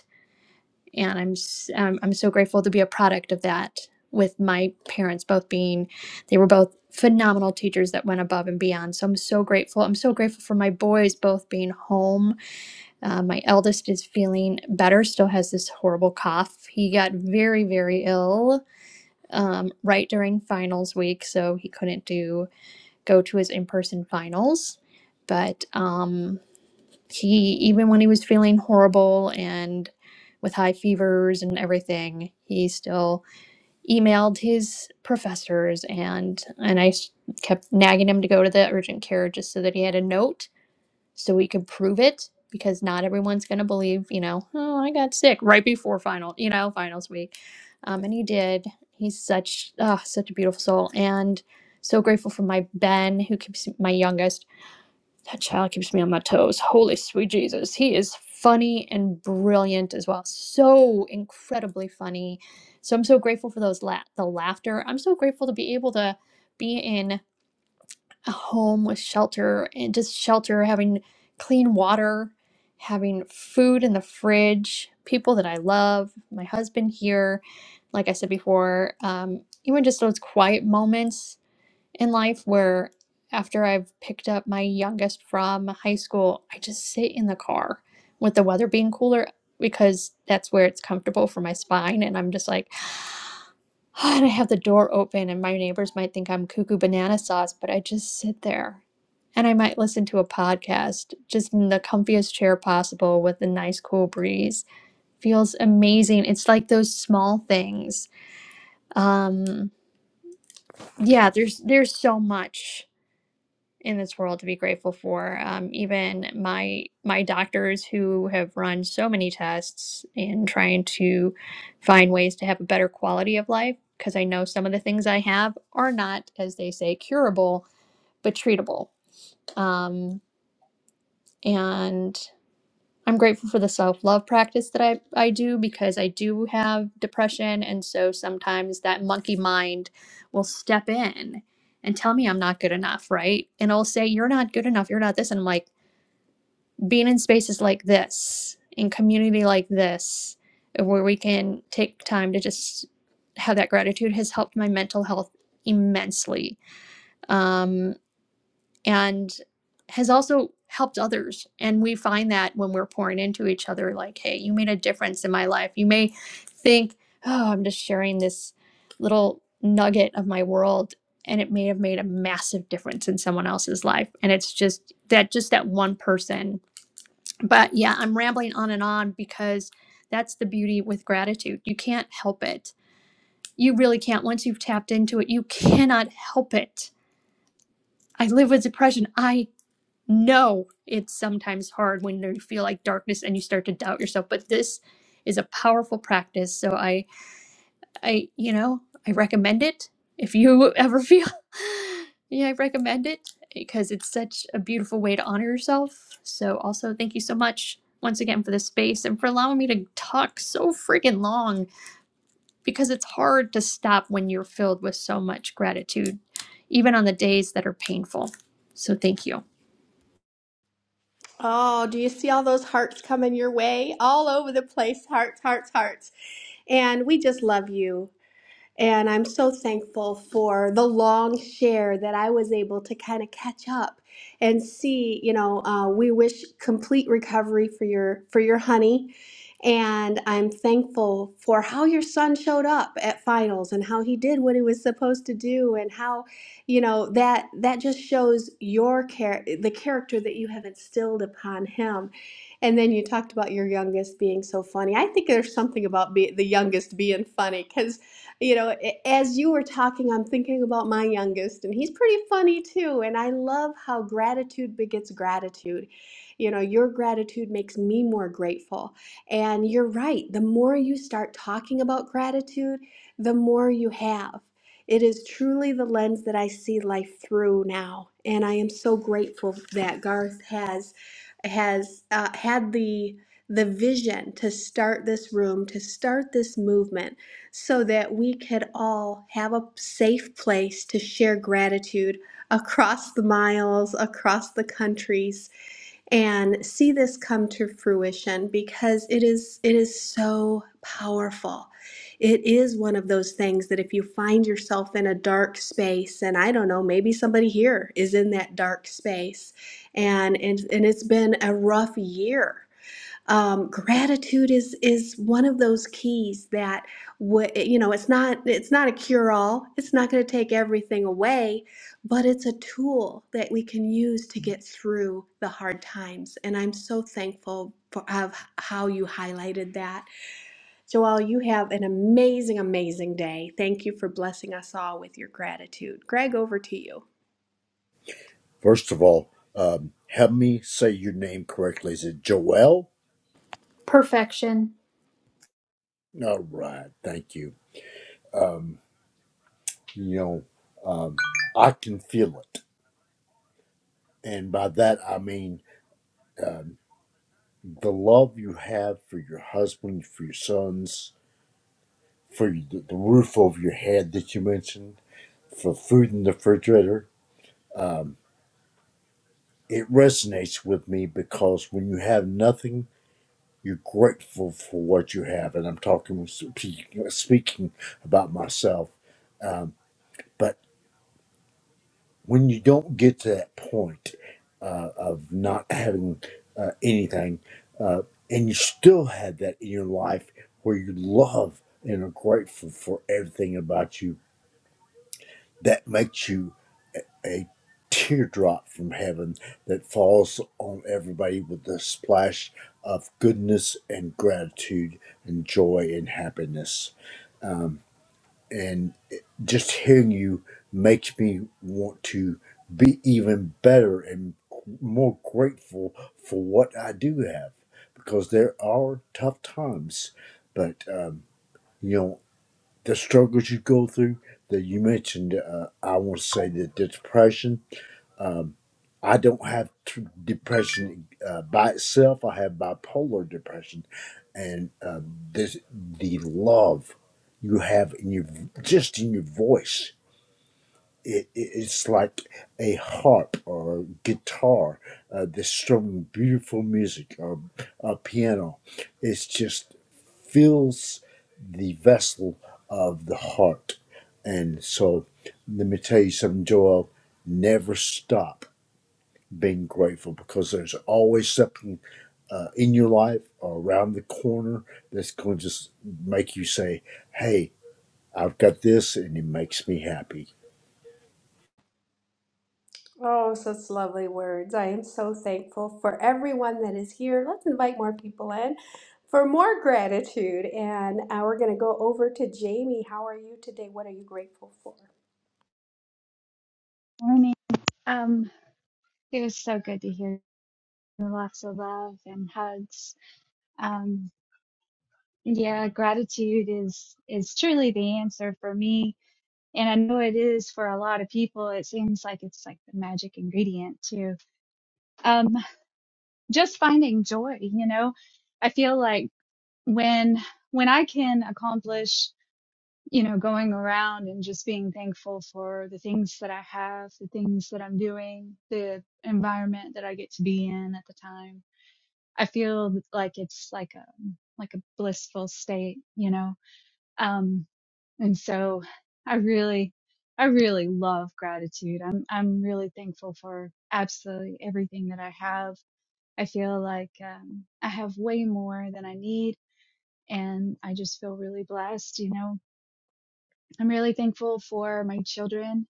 and I'm s- um, I'm so grateful to be a product of that. With my parents both being, they were both phenomenal teachers that went above and beyond. So I'm so grateful. I'm so grateful for my boys both being home. Uh, my eldest is feeling better. Still has this horrible cough. He got very very ill um, right during finals week, so he couldn't do go to his in person finals. But um, he even when he was feeling horrible and with high fevers and everything he still emailed his professors and and i s- kept nagging him to go to the urgent care just so that he had a note so we could prove it because not everyone's going to believe you know oh i got sick right before final you know finals week um, and he did he's such ah such a beautiful soul and so grateful for my ben who keeps my youngest that child keeps me on my toes. Holy sweet Jesus. He is funny and brilliant as well. So incredibly funny. So I'm so grateful for those la- the laughter. I'm so grateful to be able to be in a home with shelter and just shelter, having clean water, having food in the fridge, people that I love, my husband here, like I said before, um, even just those quiet moments in life where after I've picked up my youngest from high school, I just sit in the car with the weather being cooler because that's where it's comfortable for my spine. And I'm just like, and I have the door open, and my neighbors might think I'm cuckoo banana sauce, but I just sit there. And I might listen to a podcast just in the comfiest chair possible with a nice cool breeze. Feels amazing. It's like those small things. Um, yeah, there's there's so much in this world to be grateful for. Um, even my my doctors who have run so many tests in trying to find ways to have a better quality of life, because I know some of the things I have are not, as they say, curable but treatable. Um, and I'm grateful for the self love practice that I, I do because I do have depression. And so sometimes that monkey mind will step in and tell me I'm not good enough, right? And I'll say, You're not good enough. You're not this. And I'm like, being in spaces like this, in community like this, where we can take time to just have that gratitude has helped my mental health immensely um, and has also helped others. And we find that when we're pouring into each other, like, hey, you made a difference in my life. You may think, oh, I'm just sharing this little nugget of my world. And it may have made a massive difference in someone else's life. And it's just that, just that one person but yeah, I'm rambling on and on because that's the beauty with gratitude. You can't help it. You really can't. Once you've tapped into it, you cannot help it. I live with depression. I know it's sometimes hard when you feel like darkness and you start to doubt yourself, but this is a powerful practice. So I I, you know, I recommend it if you ever feel. yeah, I recommend it because it's such a beautiful way to honor yourself. So, also, thank you so much once again for this space and for allowing me to talk so freaking long because it's hard to stop when you're filled with so much gratitude, even on the days that are painful. So, thank you. Oh, do you see all those hearts coming your way? All over the place. Hearts, hearts, hearts. And we just love you. And I'm so thankful for the long share that I was able to kind of catch up and see. You know, uh, we wish complete recovery for your for your honey, and I'm thankful for how your son showed up at finals and how he did what he was supposed to do and how, you know, that that just shows your care the character that you have instilled upon him. And then you talked about your youngest being so funny. I think there's something about be, the youngest being funny because you know, as you were talking, I'm thinking about my youngest, and he's pretty funny too. And I love how gratitude begets gratitude. You know, your gratitude makes me more grateful. And you're right, the more you start talking about gratitude, the more you have. It is truly the lens that I see life through now. And I am so grateful that Garth has has uh, had the the vision to start this room, to start this movement so that we could all have a safe place to share gratitude across the miles, across the countries, and see this come to fruition because it is it is so powerful. It is one of those things that if you find yourself in a dark space and I don't know, maybe somebody here is in that dark space and and, and it's been a rough year um, gratitude is is one of those keys that w- you know it's not it's not a cure all it's not going to take everything away but it's a tool that we can use to get through the hard times and i'm so thankful for of how you highlighted that joelle you have an amazing amazing day thank you for blessing us all with your gratitude greg over to you First of all, um, help me say your name correctly. Is it Joelle? Perfection. All right, thank you. um, you know, um, I can feel it. And by that, I mean um, the love you have for your husband, for your sons, for the, the roof over your head that you mentioned, for food in the refrigerator. Um, it resonates with me because when you have nothing, you're grateful for what you have. And I'm talking, speaking about myself. Um, but when you don't get to that point uh, of not having uh, anything, uh, and you still have that in your life where you love and are grateful for everything about you, that makes you a teardrop from heaven that falls on everybody with a splash of goodness and gratitude and joy and happiness. Um, and just hearing you makes me want to be even better and more grateful for what I do have because there are tough times, but um, you know the struggles you go through that you mentioned. Uh, I want to say the depression. Um, I don't have tr- depression uh, by itself. I have bipolar depression, and uh, this the love you have in your just in your voice. It, it, it's like a harp or a guitar uh, that's strumming beautiful music or a piano. It just fills the vessel of the heart. And so, let me tell you something, Joel. Never stop being grateful because there's always something uh, in your life or around the corner that's going to just make you say, Hey, I've got this, and it makes me happy. Oh, such lovely words. I am so thankful for everyone that is here. Let's invite more people in for more gratitude. And uh, we're going to go over to Jamie. How are you today? What are you grateful for? Morning. Um, it was so good to hear lots of love and hugs. Um, yeah, gratitude is is truly the answer for me, and I know it is for a lot of people. It seems like it's like the magic ingredient too. Um, just finding joy, you know. I feel like when when I can accomplish, you know, going around and just being thankful for the things that I have, the things that I'm doing, the environment that I get to be in at the time I feel like it's like a like a blissful state, you know. Um, and so I really, I really love gratitude. I'm I'm really thankful for absolutely everything that I have. I feel like um, I have way more than I need, and I just feel really blessed. You know, I'm really thankful for my children,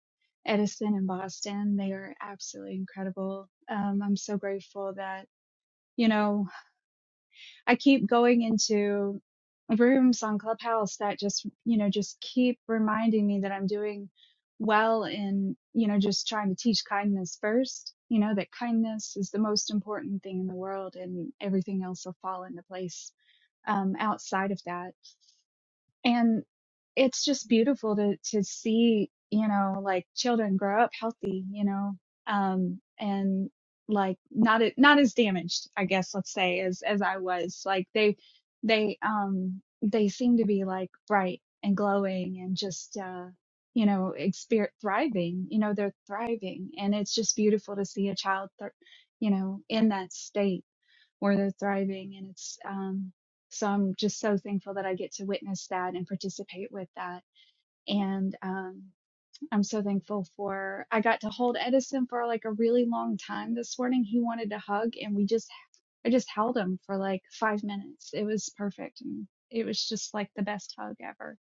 Edison and Boston. They are absolutely incredible. Um, I'm so grateful that you know I keep going into rooms on Clubhouse that just, you know, just keep reminding me that I'm doing well in, you know, just trying to teach kindness first, you know, that kindness is the most important thing in the world and everything else will fall into place um, outside of that and it's just beautiful to to see you know like children grow up healthy you know um and like not a- not as damaged i guess let's say as as i was like they they um they seem to be like bright and glowing and just uh you know exper thriving you know they're thriving and it's just beautiful to see a child thr you know in that state or they're thriving. And it's, um, so I'm just so thankful that I get to witness that and participate with that. And, um, I'm so thankful for, I got to hold Edison for like a really long time this morning. He wanted to hug and we just, I just held him for like five minutes. It was perfect. And it was just like the best hug ever.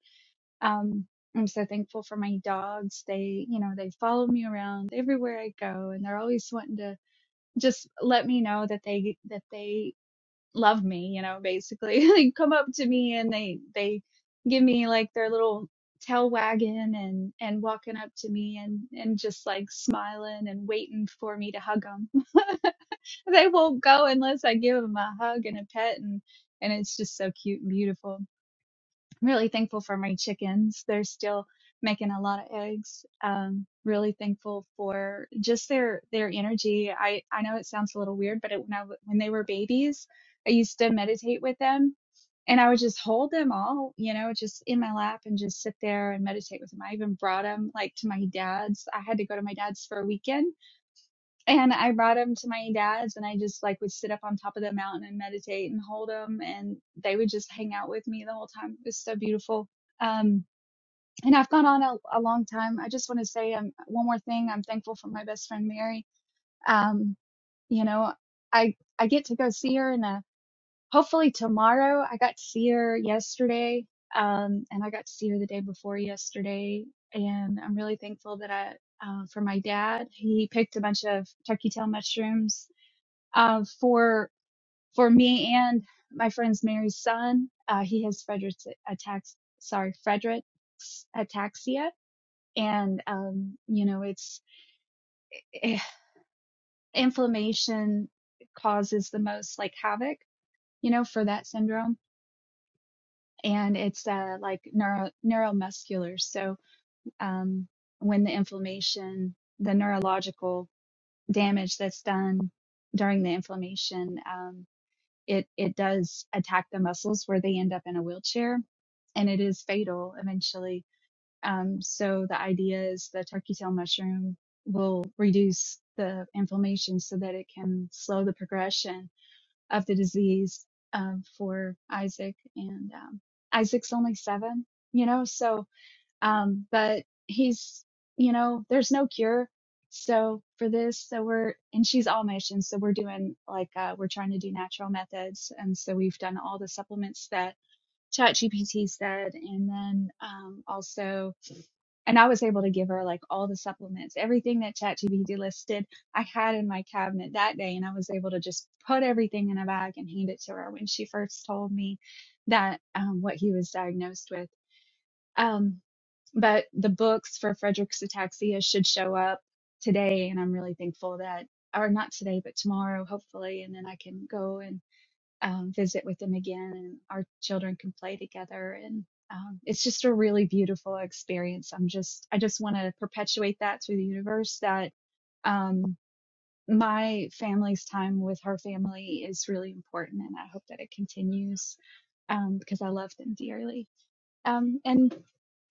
Um, I'm so thankful for my dogs. They, you know, they follow me around everywhere I go and they're always wanting to just let me know that they that they love me, you know, basically. they come up to me and they they give me like their little tail wagging and and walking up to me and and just like smiling and waiting for me to hug them. they won't go unless I give them a hug and a pet and and it's just so cute and beautiful really thankful for my chickens. They're still making a lot of eggs. Um, really thankful for just their their energy. I I know it sounds a little weird, but it, when I when they were babies, I used to meditate with them, and I would just hold them all, you know, just in my lap and just sit there and meditate with them. I even brought them like to my dad's. I had to go to my dad's for a weekend and I brought them to my dad's and I just like would sit up on top of the mountain and meditate and hold them and they would just hang out with me the whole time. It was so beautiful. Um, and I've gone on a, a long time. I just want to say um, one more thing. I'm thankful for my best friend Mary. Um, you know, I I get to go see her and uh, hopefully tomorrow. I got to see her yesterday, um, and I got to see her the day before yesterday. And I'm really thankful that I uh, for my dad. He picked a bunch of turkey tail mushrooms um, for for me and my friend's Mary's son. Uh, he has Frederick's attacks. Sorry, Frederick's ataxia, and um, you know, it's eh, inflammation causes the most like havoc, you know, for that syndrome, and it's uh, like neuro neuromuscular. So um, when the inflammation, the neurological damage that's done during the inflammation. um, it it does attack the muscles where they end up in a wheelchair and it is fatal eventually um, so the idea is the turkey tail mushroom will reduce the inflammation so that it can slow the progression of the disease um, for isaac and um, isaac's only seven you know so um, but he's, you know, there's no cure. So for this, so we're, and she's all And so we're doing like, uh, we're trying to do natural methods. And so we've done all the supplements that ChatGPT said. And then, um, also, and I was able to give her like all the supplements, everything that ChatGPT listed, I had in my cabinet that day. And I was able to just put everything in a bag and hand it to her when she first told me that, um, what he was diagnosed with. Um, but the books for Frederick's ataxia should show up today. And I'm really thankful that, or not today, but tomorrow, hopefully. And then I can go and um, visit with them again and our children can play together. And um, it's just a really beautiful experience. I'm just, I just want to perpetuate that through the universe that um, my family's time with her family is really important. And I hope that it continues um, because I love them dearly. Um, and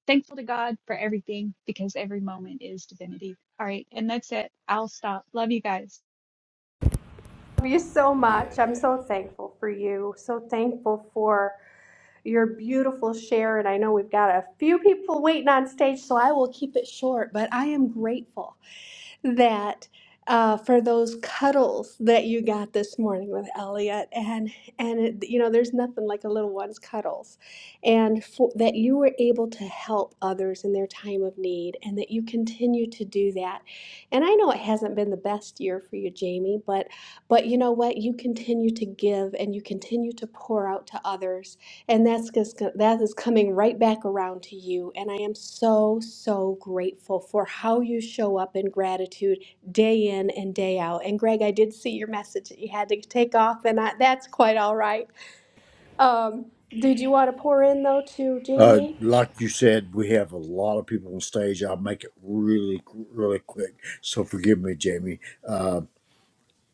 thankful to God for everything because every moment is divinity. All right. And that's it. I'll stop. Love you guys. Love you so Yeah, yeah. much. I'm so thankful for you. So thankful for your beautiful share. And I know we've got a few people waiting on stage, so I will keep it short, but I am grateful. that uh, for those cuddles that you got this morning with Elliot, and and it, you know, there's nothing like a little one's cuddles, and for, that you were able to help others in their time of need, and that you continue to do that. And I know it hasn't been the best year for you, Jamie, but but you know what? You continue to give, and you continue to pour out to others, and that's just, that is coming right back around to you. And I am so, so grateful for how you show up in gratitude day in and day out. And Greg, I did see your message that you had to take off, and I, that's quite all right. Um, did you want to pour in though to Uh, Jamie? like you said, we have a lot of people on stage. I'll make it really, really quick. So forgive me, Jamie. Uh,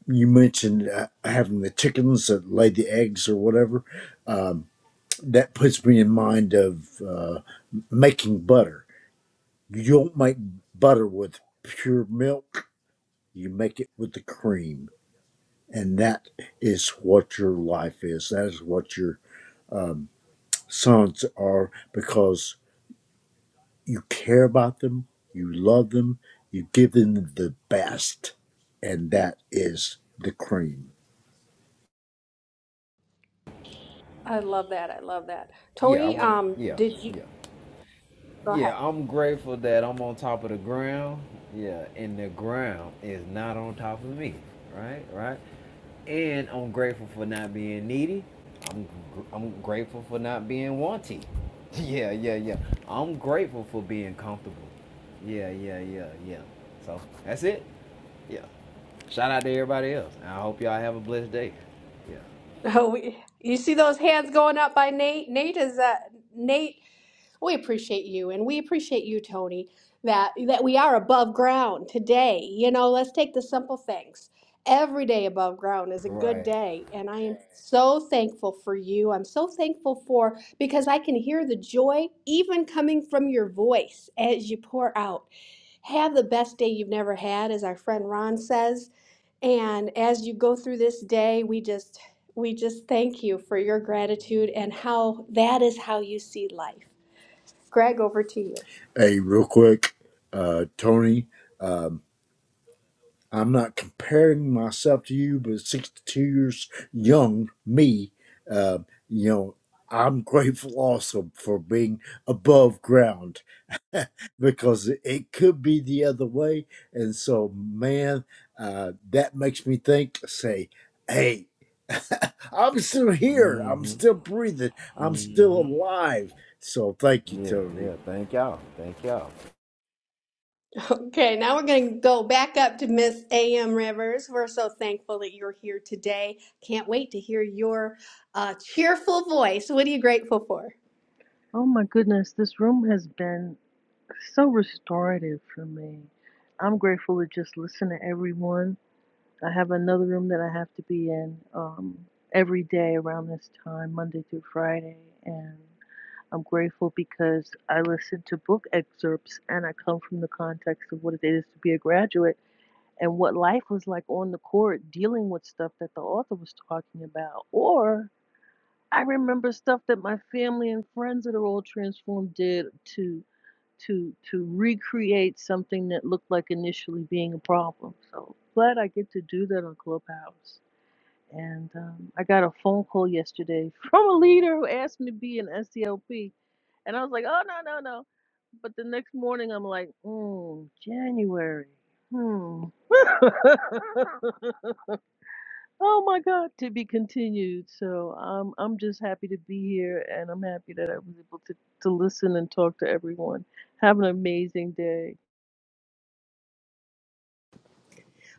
you mentioned uh, having the chickens that lay the eggs or whatever. Um, that puts me in mind of uh, making butter. You don't make butter with pure milk You make it with the cream. And that is what your life is. That is what your um, sons are because you care about them, you love them, you give them the best. And that is the cream. I love that. I love that. Yeah, I Tony, want um, to. Yeah, did you? yeah. Go ahead. Yeah, I'm grateful that I'm on top of the ground. Yeah, and the ground is not on top of me. Right, right. And I'm grateful for not being needy. I'm gr- I'm grateful for not being wanting. Yeah, yeah, yeah. I'm grateful for being comfortable. Yeah, yeah, yeah, yeah. So that's it. Yeah. Shout out to everybody else. I hope y'all have a blessed day. Yeah. Oh, we, you see those hands going up by Nate? Nate is uh, Nate We appreciate you, and we appreciate you, Tony, that that we are above ground today. You know, let's take the simple things. Every day above ground is a good Right. day, and I am so thankful for you. I'm so thankful for because I can hear the joy even coming from your voice as you pour out. Have the best day you've never had, as our friend Ron says. And as you go through this day, we just we just thank you for your gratitude and how that is how you see life. Greg, over to you. Hey, real quick, uh, Tony, um, I'm not comparing myself to you, but 62 years young, me, um, you know, I'm grateful also for being above ground because it could be the other way. And so, man, uh, that makes me think, say, hey, I'm still here. I'm still breathing. I'm still alive. So thank you, Yeah, yeah. Tony. Thank y'all. Thank y'all. Okay, now we're going to go back up to Miss A.M. Rivers. We're so thankful that you're here today. Can't wait to hear your uh, cheerful voice. What are you grateful for? Oh my goodness, this room has been so restorative for me. I'm grateful to just listen to everyone. I have another room that I have to be in um, every day around this time, Monday through Friday. And I'm grateful because I listen to book excerpts and I come from the context of what it is to be a graduate and what life was like on the court dealing with stuff that the author was talking about. or I remember stuff that my family and friends that are all transformed did to to to recreate something that looked like initially being a problem. So glad I get to do that on Clubhouse. And um, I got a phone call yesterday from a leader who asked me to be an SDLP, and I was like, oh no no no. But the next morning I'm like, mm, January. Hmm. Oh my God, to be continued. So I'm I'm just happy to be here, and I'm happy that I was able to to listen and talk to everyone. Have an amazing day,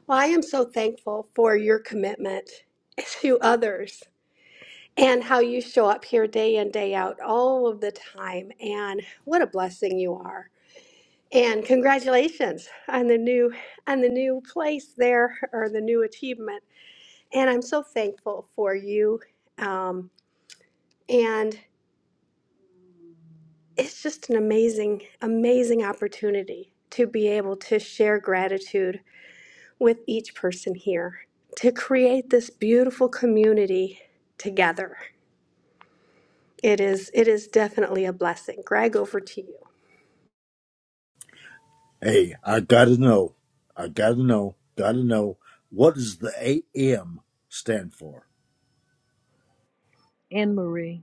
Well, I am so thankful for your commitment to others and how you show up here day in, day out, all of the time. And what a blessing you are. And congratulations on the new on the new place there or the new achievement. And I'm so thankful for you Um, And it's just an amazing, amazing opportunity to be able to share gratitude with each person here, to create this beautiful community together. It is it is definitely a blessing. Greg, over to you. Hey, I gotta know. I gotta know. Gotta know. What does the AM stand for? Anne Marie.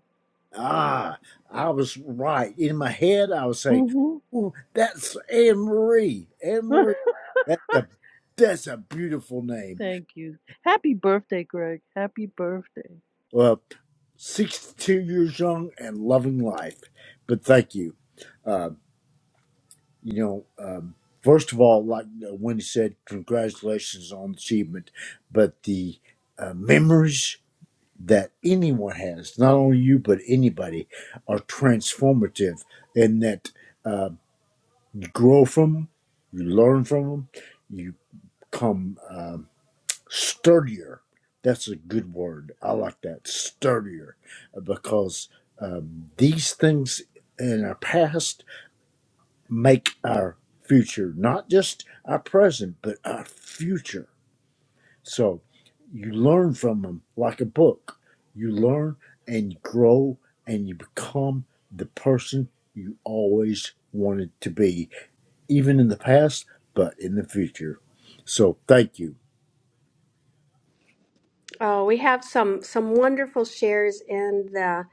Ah, I was right. In my head, I was saying, hmm "Ooh, that's Anne Marie. Anne Marie. That's a that's a beautiful name. Thank you. Happy birthday, Greg. Happy birthday. Well, 62 years young and loving life. But thank you. Um, you know, um, first of all, like uh, Wendy said, congratulations on the achievement. But the uh, memories that anyone has, not only you, but anybody, are transformative in that uh, you grow from them, you learn from them, you become. Um, sturdier. That's a good word. I like that sturdier because um, these things in our past make our future, not just our present, but our future. So you learn from them like a book. You learn and you grow and you become the person you always wanted to be, even in the past, but in the future. So thank you. Oh, we have some some wonderful shares in the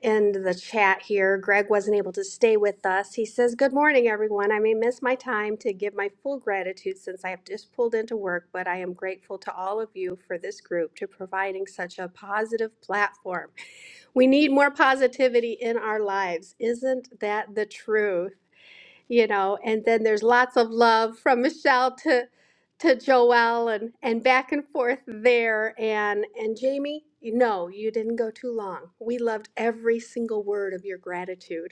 in the chat here. Greg wasn't able to stay with us. He says, Good morning, everyone. I may miss my time to give my full gratitude since I have just pulled into work, but I am grateful to all of you for this group to providing such a positive platform. We need more positivity in our lives. Isn't that the truth? you know and then there's lots of love from michelle to to joel and and back and forth there and and jamie no you didn't go too long we loved every single word of your gratitude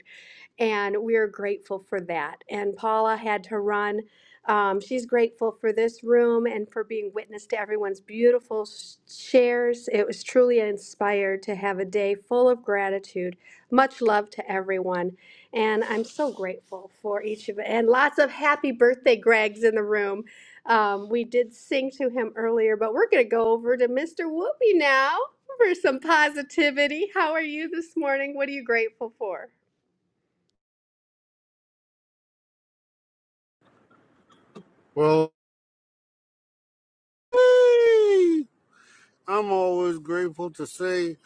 and we are grateful for that. And Paula had to run. Um, she's grateful for this room and for being witness to everyone's beautiful s- shares. It was truly inspired to have a day full of gratitude. Much love to everyone. And I'm so grateful for each of it. And lots of happy birthday, Greg's in the room. Um, we did sing to him earlier, but we're going to go over to Mr. Whoopi now for some positivity. How are you this morning? What are you grateful for? Well, hey, I'm always grateful to say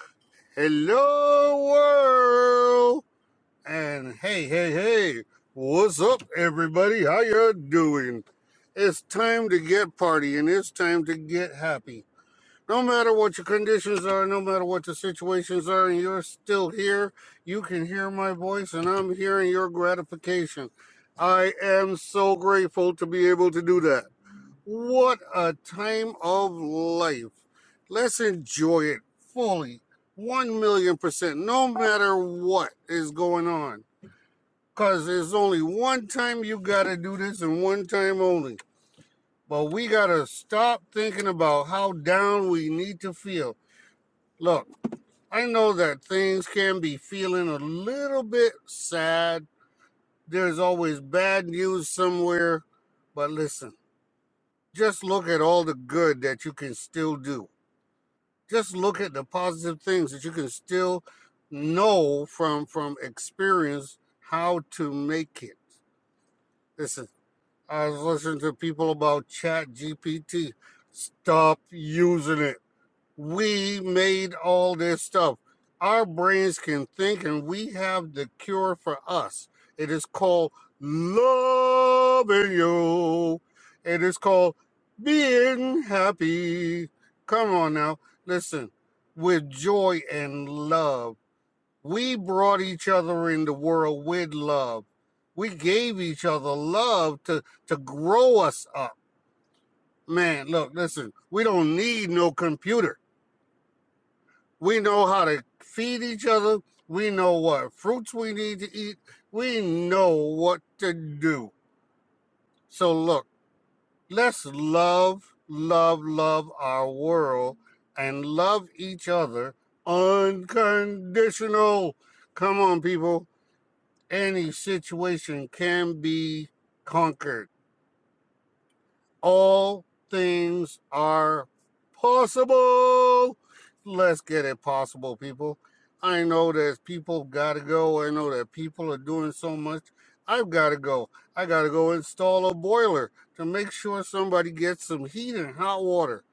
hello, world, and hey, hey, hey, what's up, everybody? How you doing? It's time to get party, and it's time to get happy. No matter what your conditions are, no matter what the situations are, and you're still here, you can hear my voice, and I'm hearing your gratification. I am so grateful to be able to do that. What a time of life. Let's enjoy it fully. 1 million percent, no matter what is going on. Because there's only one time you got to do this and one time only. But we got to stop thinking about how down we need to feel. Look, I know that things can be feeling a little bit sad. There's always bad news somewhere. But listen, just look at all the good that you can still do just look at the positive things that you can still know from from experience how to make it. Listen, I was listening to people about Chat GPT. Stop using it we made all this stuff. Our brains can think, and we have the cure for us. It is called loving you. It is called being happy. Come on now, listen. With joy and love, we brought each other in the world with love. We gave each other love to to grow us up. Man, look, listen. We don't need no computer we know how to feed each other. We know what fruits we need to eat. We know what to do. So, look, let's love, love, love our world and love each other unconditional. Come on, people. Any situation can be conquered. all things are possible. Let's get it possible, people. I know there's people got to go. I know that people are doing so much. I've got to go. I got to go install a boiler to make sure somebody gets some heat and hot water.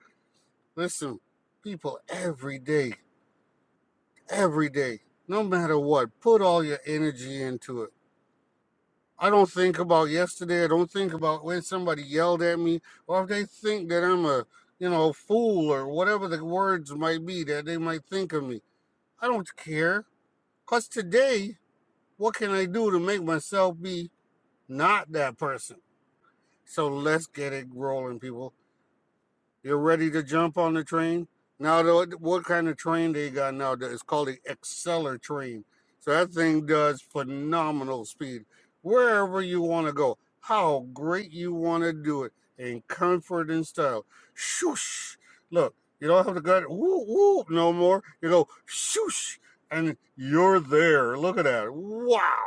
Listen, people, every day, every day, no matter what, put all your energy into it I don't think about yesterday. I don't think about when somebody yelled at me, or if they think that I'm a, you know, fool or whatever the words might be that they might think of me. I don't care. Cause today, what can I do to make myself be not that person? So let's get it rolling, people. You're ready to jump on the train? Now, what kind of train they got now? It's called the Acceler train. So that thing does phenomenal speed. Wherever you want to go, how great you want to do it in comfort and style. Shoosh! Look, you don't have to go woo woo no more. You go shoosh, and you're there. Look at that! Wow!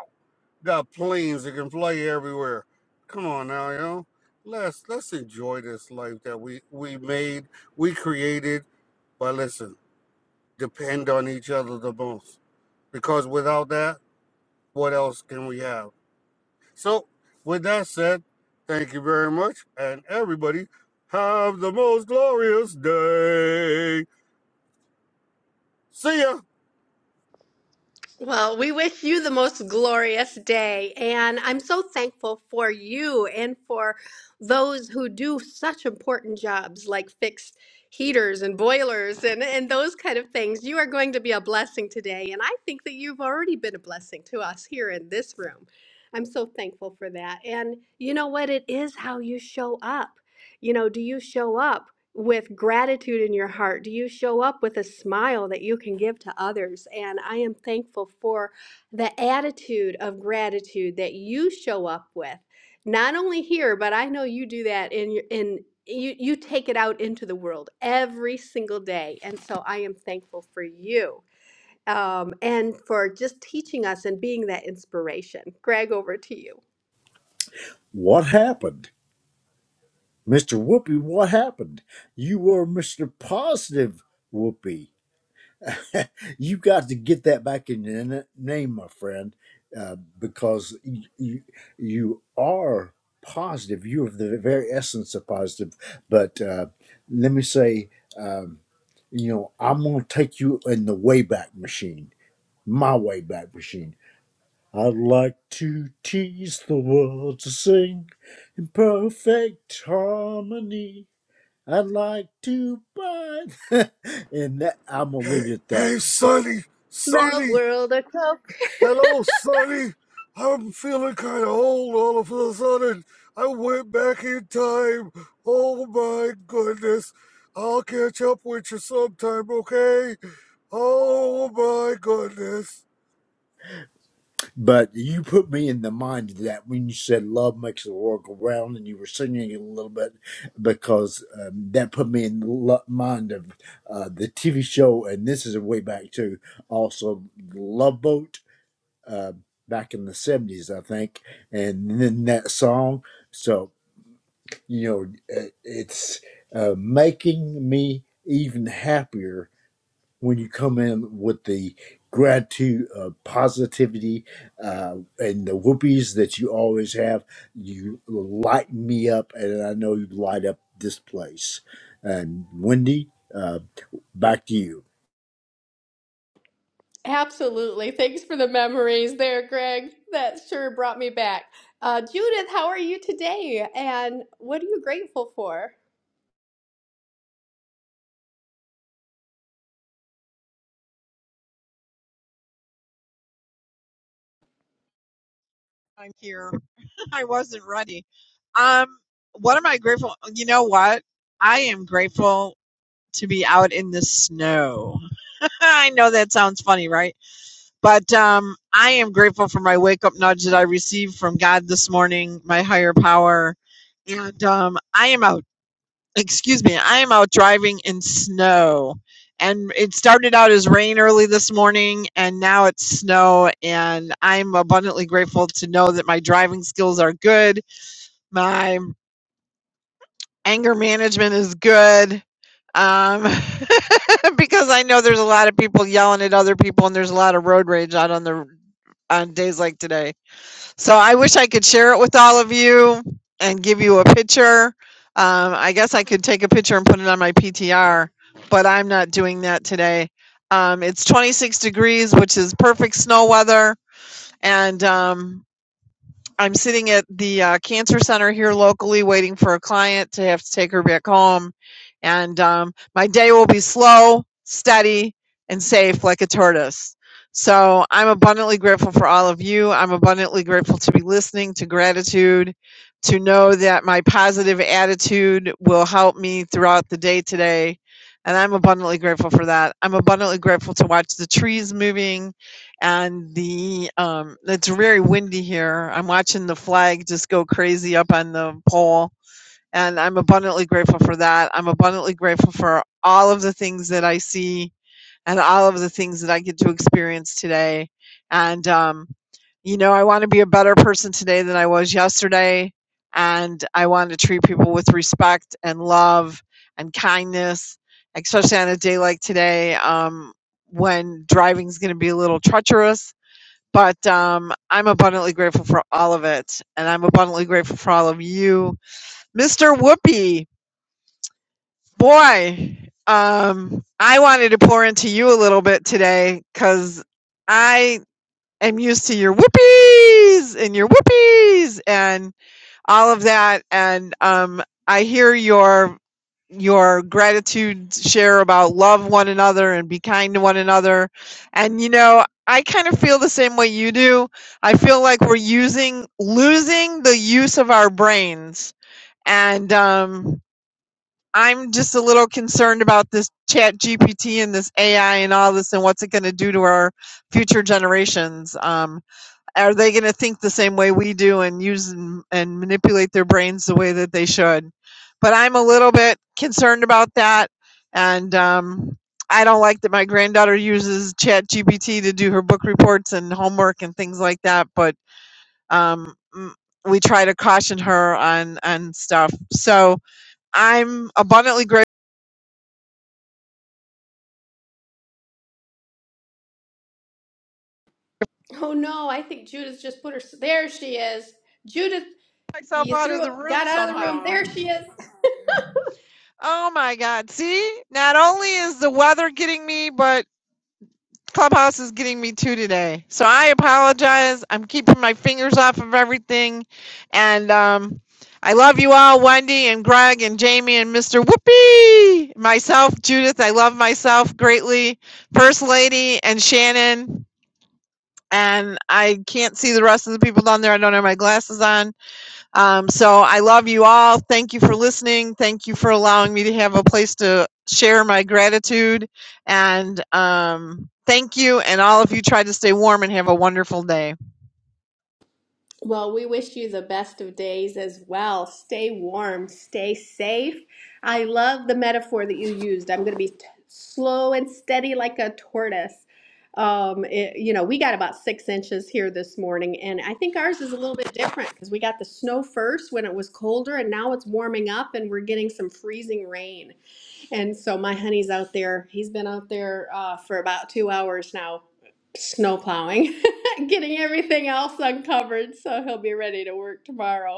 Got planes that can fly everywhere. Come on now, you know. Let's let's enjoy this life that we we made, we created. But listen, depend on each other the most because without that, what else can we have? So, with that said, thank you very much, and everybody have the most glorious day. See ya. Well, we wish you the most glorious day. And I'm so thankful for you and for those who do such important jobs like fix heaters and boilers and, and those kind of things. You are going to be a blessing today. And I think that you've already been a blessing to us here in this room. I'm so thankful for that. And you know what? It is how you show up. You know, do you show up? with gratitude in your heart? Do you show up with a smile that you can give to others? And I am thankful for the attitude of gratitude that you show up with, not only here, but I know you do that in in you you take it out into the world every single day. And so I am thankful for you. Um, and for just teaching us and being that inspiration. Greg, over to you. What happened? Mr. Whoopi, what happened? You were Mr. Positive Whoopi. You got to get that back in your n- name, my friend, uh, because you, you, you are positive. You are the very essence of positive. But uh, let me say, um, you know, I'm going to take you in the Wayback Machine, my Wayback Machine. I'd like to tease the world to sing in perfect harmony. I'd like to buy. and that, I'm going to leave it at that. Hey, Sonny, The Sonny. world of Coke. Hello, Sonny. I'm feeling kind of old all of a sudden. I went back in time. Oh my goodness. I'll catch up with you sometime, okay? Oh my goodness. But you put me in the mind of that when you said love makes the world go round and you were singing it a little bit because um, that put me in the lo- mind of uh, the TV show. And this is a way back to also Love Boat uh, back in the 70s, I think. And then that song. So, you know, uh, it's uh, making me even happier when you come in with the gratitude, uh, positivity, uh, and the whoopies that you always have, you light me up, and I know you light up this place. And Wendy, uh, back to you. Absolutely. Thanks for the memories there, Greg. That sure brought me back. Uh, Judith, how are you today? And what are you grateful for? I'm here. I wasn't ready. Um, what am I grateful? You know what? I am grateful to be out in the snow. I know that sounds funny, right? But um, I am grateful for my wake up nudge that I received from God this morning, my higher power, and um, I am out. Excuse me, I am out driving in snow. And it started out as rain early this morning, and now it's snow. And I'm abundantly grateful to know that my driving skills are good my anger management is good, um, because I know there's a lot of people yelling at other people, and there's a lot of road rage out on the on days like today. So I wish I could share it with all of you and give you a picture. Um, I guess I could take a picture and put it on my PTR, but I'm not doing that today. Um, it's 26 degrees, which is perfect snow weather, and um, I'm sitting at the uh, cancer center here locally waiting for a client to have to take her back home. And um, my day will be slow, steady, and safe like a tortoise. So I'm abundantly grateful for all of you. I'm abundantly grateful to be listening to gratitude, to know that my positive attitude will help me throughout the day today. And I'm abundantly grateful for that. I'm abundantly grateful to watch the trees moving and the um, it's very windy here. I'm watching the flag just go crazy up on the pole, and I'm abundantly grateful for that. I'm abundantly grateful for all of the things that I see and all of the things that I get to experience today. And um, you know, I want to be a better person today than I was yesterday, and I want to treat people with respect and love and kindness, especially on a day like today um, when driving is going to be a little treacherous but um, I'm abundantly grateful for all of it, and I'm abundantly grateful for all of you, Mr. Whoopi. Boy, um, I wanted to pour into you a little bit today because I am used to your whoopies and your whoopies, and all of that and um i hear your your gratitude share about love one another and be kind to one another and you know i kind of feel the same way you do i feel like we're using losing the use of our brains and um i'm just a little concerned about this chat gpt and this ai and all this and what's it going to do to our future generations Um, are they going to think the same way we do and use and, and manipulate their brains the way that they should? But I'm a little bit concerned about that, and um, I don't like that my granddaughter uses ChatGPT to do her book reports and homework and things like that. But um, m- we try to caution her on on stuff. So I'm abundantly grateful. Oh no, I think Judith just put her. There she is. Judith, Myself you out of threw the room got out of the room. somehow. There she is. Oh my God! See, not only is the weather getting me, but Clubhouse is getting me too today. So I apologize. I'm keeping my fingers off of everything. And um, I love you all, Wendy and Greg and Jamie and Mr. Whoopee. Myself, Judith, I love myself greatly. First Lady and Shannon. And I can't see the rest of the people down there. I don't have my glasses on. Um, so I love you all. Thank you for listening. Thank you for allowing me to have a place to share my gratitude. And um, thank you. And all of you try to stay warm and have a wonderful day. Well, we wish you the best of days as well. Stay warm, stay safe. I love the metaphor that you used. I'm going to be t- slow and steady like a tortoise. Um, it- you know, we got about six inches here this morning, and I think ours is a little bit different because we got the snow first when it was colder, and now it's warming up and we're getting some freezing rain. And so my honey's out there. He's been out there uh, for about two hours now, snow plowing, getting everything else uncovered. So he'll be ready to work tomorrow.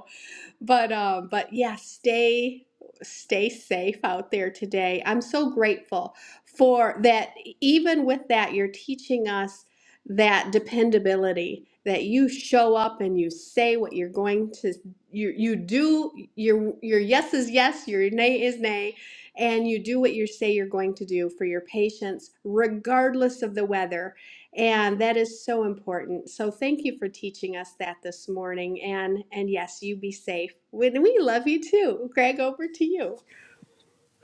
But um, but yeah, stay stay safe out there today. I'm so grateful for that. e, Even with that, you're teaching us that dependability that you show up and you say what you're going to you you do your your yes is yes, your nay is nay, and you do what you say you're going to do for your patients regardless of the weather and that is so important. So thank you for teaching us that this morning. And and yes, you be safe. When we love you too. Greg, over to you.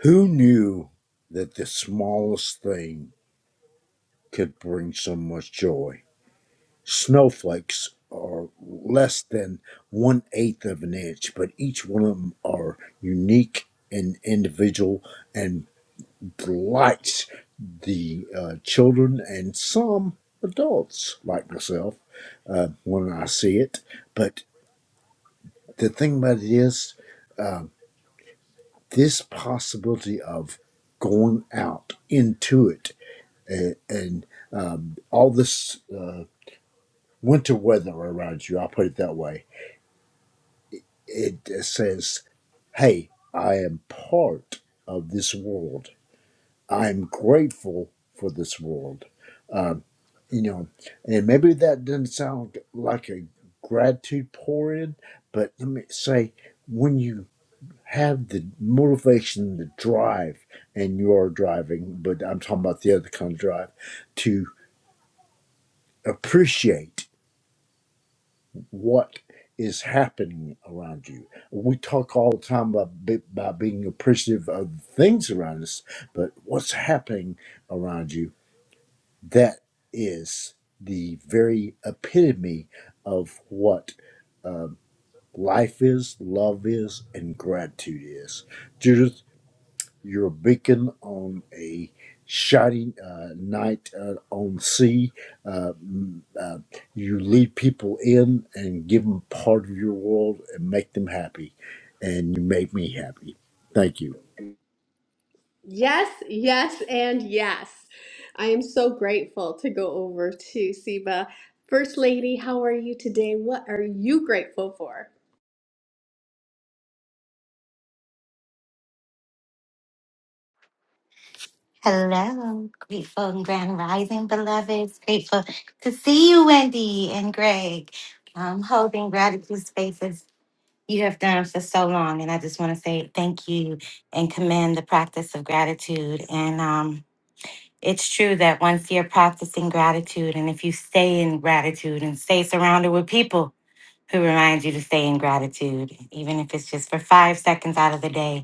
Who knew that the smallest thing could bring so much joy? Snowflakes are less than one eighth of an inch, but each one of them are unique and individual, and delights the uh, children and some adults like myself uh, when I see it. But the thing about it is, uh, this possibility of going out into it and, and um, all this uh, winter weather around you, I'll put it that way, it says, hey, I am part of this world I'm grateful for this world. Um, you know, and maybe that doesn't sound like a gratitude pour in, but let me say, when you have the motivation, the drive, and you are driving, but I'm talking about the other kind of drive, to appreciate what is happening around you. We talk all the time about, be- about being appreciative of things around us, but what's happening around you That is the very epitome of what life is, love is, and gratitude is. Judith, you're a beacon on a shining uh, night uh, on sea. Uh, mm, uh, you lead people in and give them part of your world and make them happy. And you make me happy. Thank you. Yes, yes, and yes. I am so grateful to go over to Siba. First Lady, how are you today? What are you grateful for? Hello, grateful and grand rising, beloveds. Grateful to see you, Wendy and Greg. I'm holding gratitude spaces you have done for so long, and I just want to say thank you and commend the practice of gratitude. And um, it's true that once you're practicing gratitude, and if you stay in gratitude and stay surrounded with people who remind you to stay in gratitude, even if it's just for five seconds out of the day,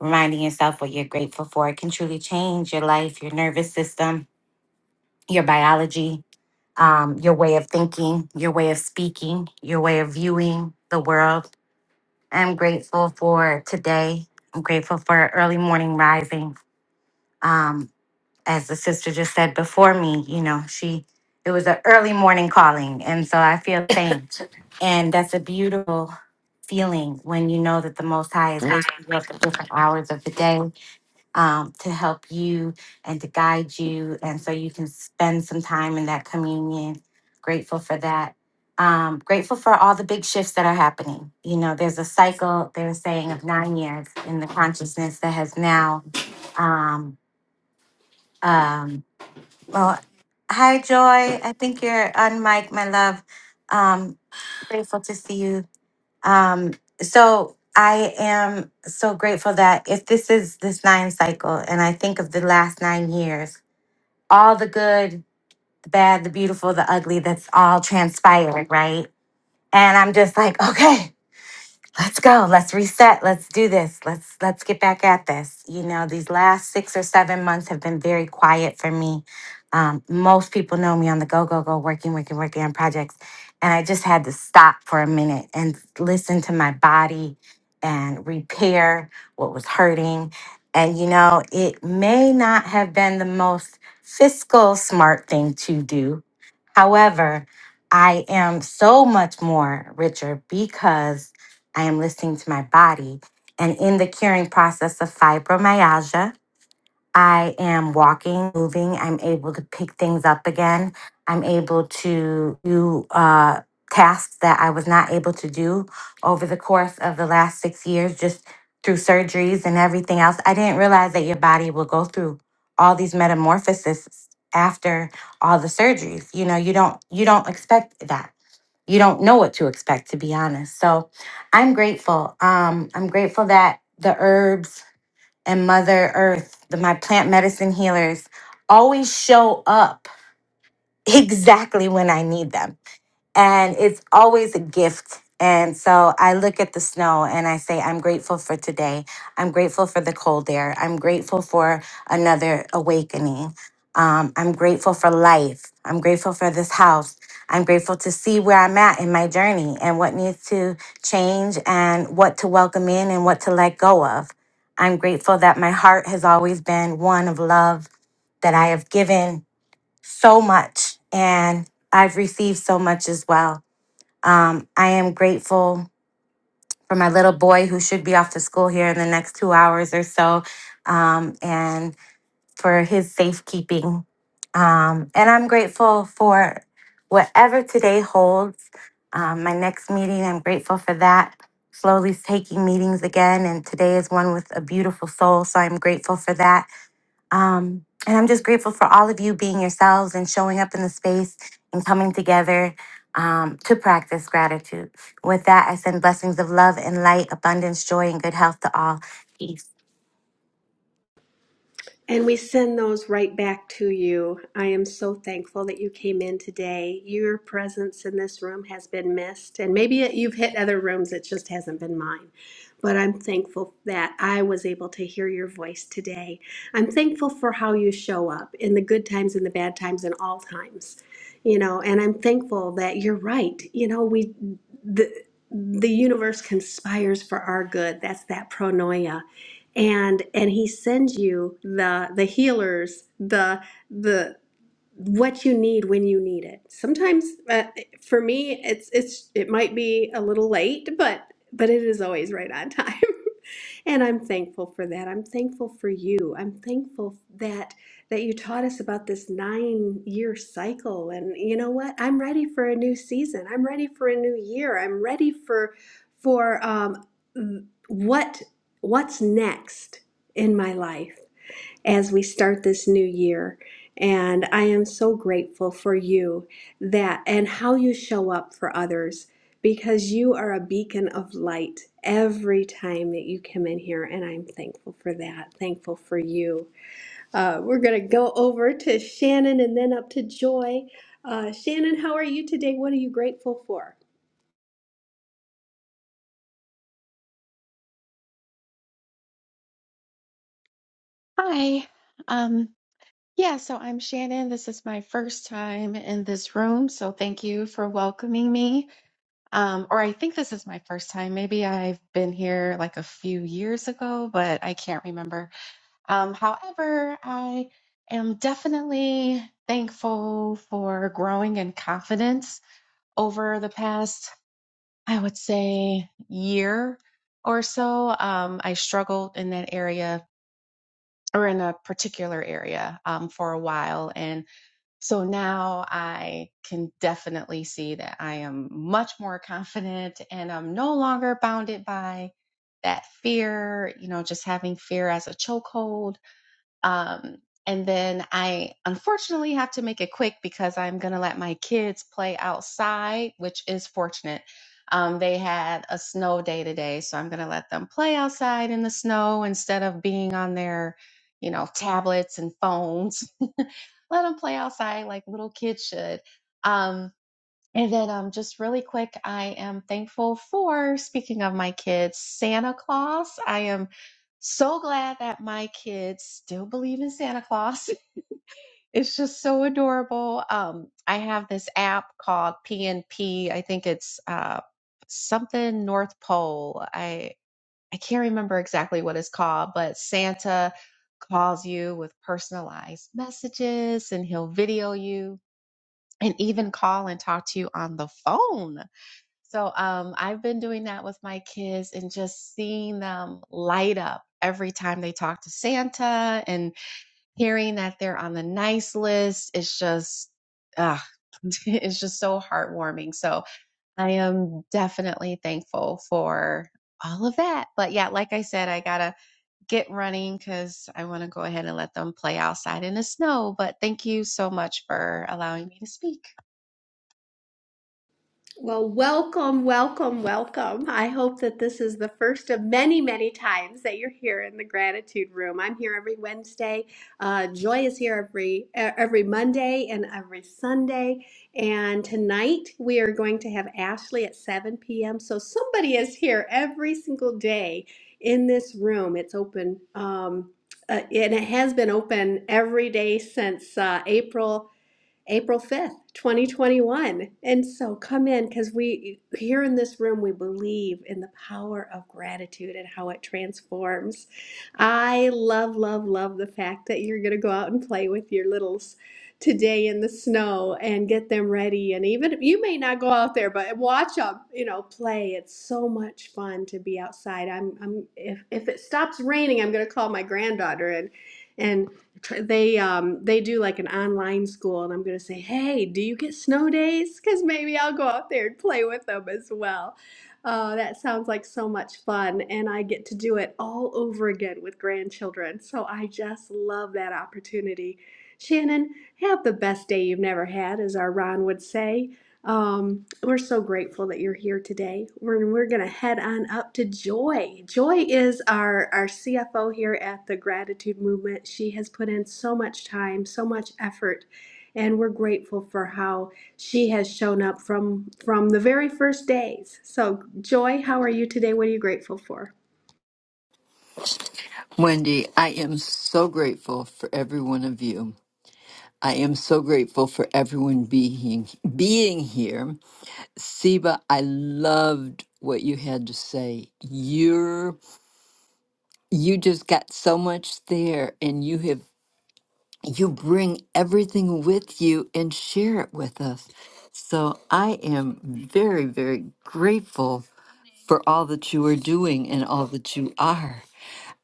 reminding yourself what you're grateful for it can truly change your life, your nervous system, your biology, um, your way of thinking, your way of speaking, your way of viewing the world. I'm grateful for today. I'm grateful for early morning rising. Um, as the sister just said before me, you know, she it was an early morning calling, and so I feel the same. And that's a beautiful feeling when you know that the Most High is waking you up at different hours of the day um, to help you and to guide you. And so you can spend some time in that communion. Grateful for that. Um, grateful for all the big shifts that are happening. You know, there's a cycle, they're saying, of nine years in the consciousness that has now. Um, um, well, hi, Joy. I think you're on mic, my love. Um, grateful to see you um, so I am so grateful that if this is this nine cycle, and I think of the last nine years, all the good, the bad, the beautiful, the ugly, that's all transpired, right? And I'm just like, okay, let's go let's reset let's do this let's let's get back at this you know these last six or seven months have been very quiet for me um, most people know me on the go go go working working working on projects and i just had to stop for a minute and listen to my body and repair what was hurting and you know it may not have been the most fiscal smart thing to do however i am so much more richer because I am listening to my body. And in the curing process of fibromyalgia, I am walking, moving. I'm able to pick things up again. I'm able to do uh, tasks that I was not able to do over the course of the last six years, just through surgeries and everything else. I didn't realize that your body will go through all these metamorphoses after all the surgeries. You know, you don't you don't expect that you don't know what to expect to be honest so i'm grateful um i'm grateful that the herbs and mother earth the, my plant medicine healers always show up exactly when i need them and it's always a gift. And so I look at the snow and I say, I'm grateful for today. I'm grateful for the cold air. I'm grateful for another awakening. Um, I'm grateful for life. I'm grateful for this house. I'm grateful to see where I'm at in my journey and what needs to change and what to welcome in and what to let go of. I'm grateful that my heart has always been one of love, that I have given so much, and I've received so much as well. Um, I am grateful for my little boy who should be off to school here in the next two hours or so, um, and for his safekeeping. Um, and I'm grateful for whatever today holds. Um, my next meeting, I'm grateful for that. Slowly taking meetings again, and today is one with a beautiful soul, so I'm grateful for that um, and I'm just grateful for all of you being yourselves and showing up in the space and coming together um, to practice gratitude. With that, I send blessings of love and light, abundance, joy, and good health to all. Peace. And we send those right back to you. I am so thankful that you came in today. Your presence in this room has been missed, and maybe you've hit other rooms, it just hasn't been mine. But I'm thankful that I was able to hear your voice today. I'm thankful for how you show up in the good times and the bad times and all times. You know, and I'm thankful that you're right. You know, we the the universe conspires for our good. That's that pronoia and and he sends you the the healers the the what you need when you need it sometimes uh, for me it's it's it might be a little late but but it is always right on time and I'm thankful for that. I'm thankful for you. I'm thankful that that you taught us about this 9-year cycle and you know what? I'm ready for a new season. I'm ready for a new year. I'm ready for for um what what's next in my life as we start this new year. And I am so grateful for you that and how you show up for others because you are a beacon of light every time that you come in here. And I'm thankful for that, thankful for you. Uh, we're going to go over to Shannon and then up to Joy. Uh, Shannon, how are you today? What are you grateful for? Hi. Um, yeah, so I'm Shannon. This is my first time in this room, so thank you for welcoming me. Um, or I think this is my first time. Maybe I've been here like a few years ago, but I can't remember. Um, however, I am definitely thankful for growing in confidence over the past, I would say, year or so. Um, I struggled in that area or in a particular area um, for a while. And so now I can definitely see that I am much more confident and I'm no longer bounded by that fear, you know, just having fear as a chokehold um, and then I unfortunately have to make it quick because I'm going to let my kids play outside, which is fortunate. Um, they had a snow day today, so I'm going to let them play outside in the snow instead of being on their, you know, tablets and phones. Let them play outside like little kids should. Um, and then, um, just really quick, I am thankful for, speaking of my kids, Santa Claus. I am so glad that my kids still believe in Santa Claus. It's just so adorable. Um, I have this app called PNP. I think it's uh, something North Pole. I I can't remember exactly what it's called, but Santa calls you with personalized messages, and he'll video you, and even call and talk to you on the phone so um, I've been doing that with my kids and just seeing them light up every time they talk to Santa and hearing that they're on the nice list. It's just, ah, it's just so heartwarming. So I am definitely thankful for all of that. But yeah, like I said, I gotta get running because I want to go ahead and let them play outside in the snow. But thank you so much for allowing me to speak. Well, welcome, welcome, welcome. I hope that this is the first of many, many times that you're here in the gratitude room. I'm here every Wednesday. Uh, Joy is here every e- every Monday and every Sunday. And tonight we are going to have Ashley at 7 p.m. So somebody is here every single day in this room. It's open, um, uh, and it has been open every day since uh, April. April 5th, 2021. And so come in because we, here in this room, we believe in the power of gratitude and how it transforms. I love, love, love the fact that you're going to go out and play with your littles today in the snow and get them ready. And even if you may not go out there, but watch them, you know, play. It's so much fun to be outside. I'm, I'm, if, if it stops raining, I'm going to call my granddaughter and, and tr- they um they do like an online school and i'm going to say hey do you get snow days because maybe i'll go out there and play with them as well uh, that sounds like so much fun and i get to do it all over again with grandchildren so i just love that opportunity shannon have the best day you've never had as our ron would say um, we're so grateful that you're here today. We're, we're going to head on up to Joy. Joy is our, our CFO here at the Gratitude Movement. She has put in so much time, so much effort, and we're grateful for how she has shown up from from the very first days. So, Joy, how are you today? What are you grateful for? Wendy, I am so grateful for every one of you. I am so grateful for everyone being being here. Siba, I loved what you had to say. You're you just got so much there and you have you bring everything with you and share it with us. So I am very, very grateful for all that you are doing and all that you are.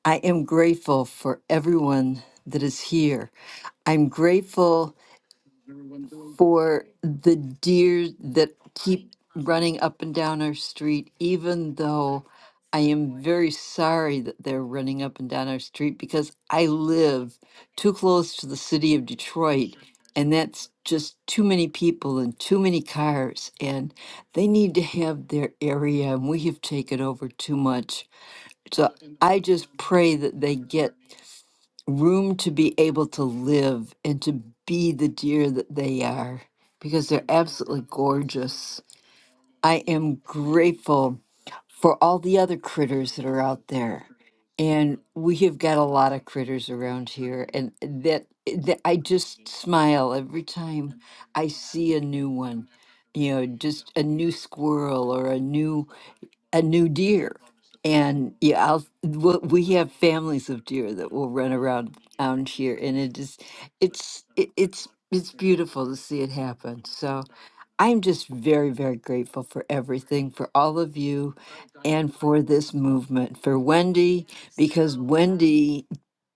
I am grateful for everyone that is here. I'm grateful for the deer that keep running up and down our street, even though I am very sorry that they're running up and down our street because I live too close to the city of Detroit. And that's just too many people and too many cars, and they need to have their area, and we have taken over too much. So I just pray that they get room to be able to live and to be the deer that they are because they're absolutely gorgeous. I am grateful for all the other critters that are out there. And we have got a lot of critters around here and that, that I just smile every time I see a new one. You know, just a new squirrel or a new a new deer. And yeah, I'll, we we have families of deer that will run around down here, and it is, it's, it, it's, it's beautiful to see it happen. So I'm just very, very grateful for everything, for all of you, and for this movement, for Wendy, because Wendy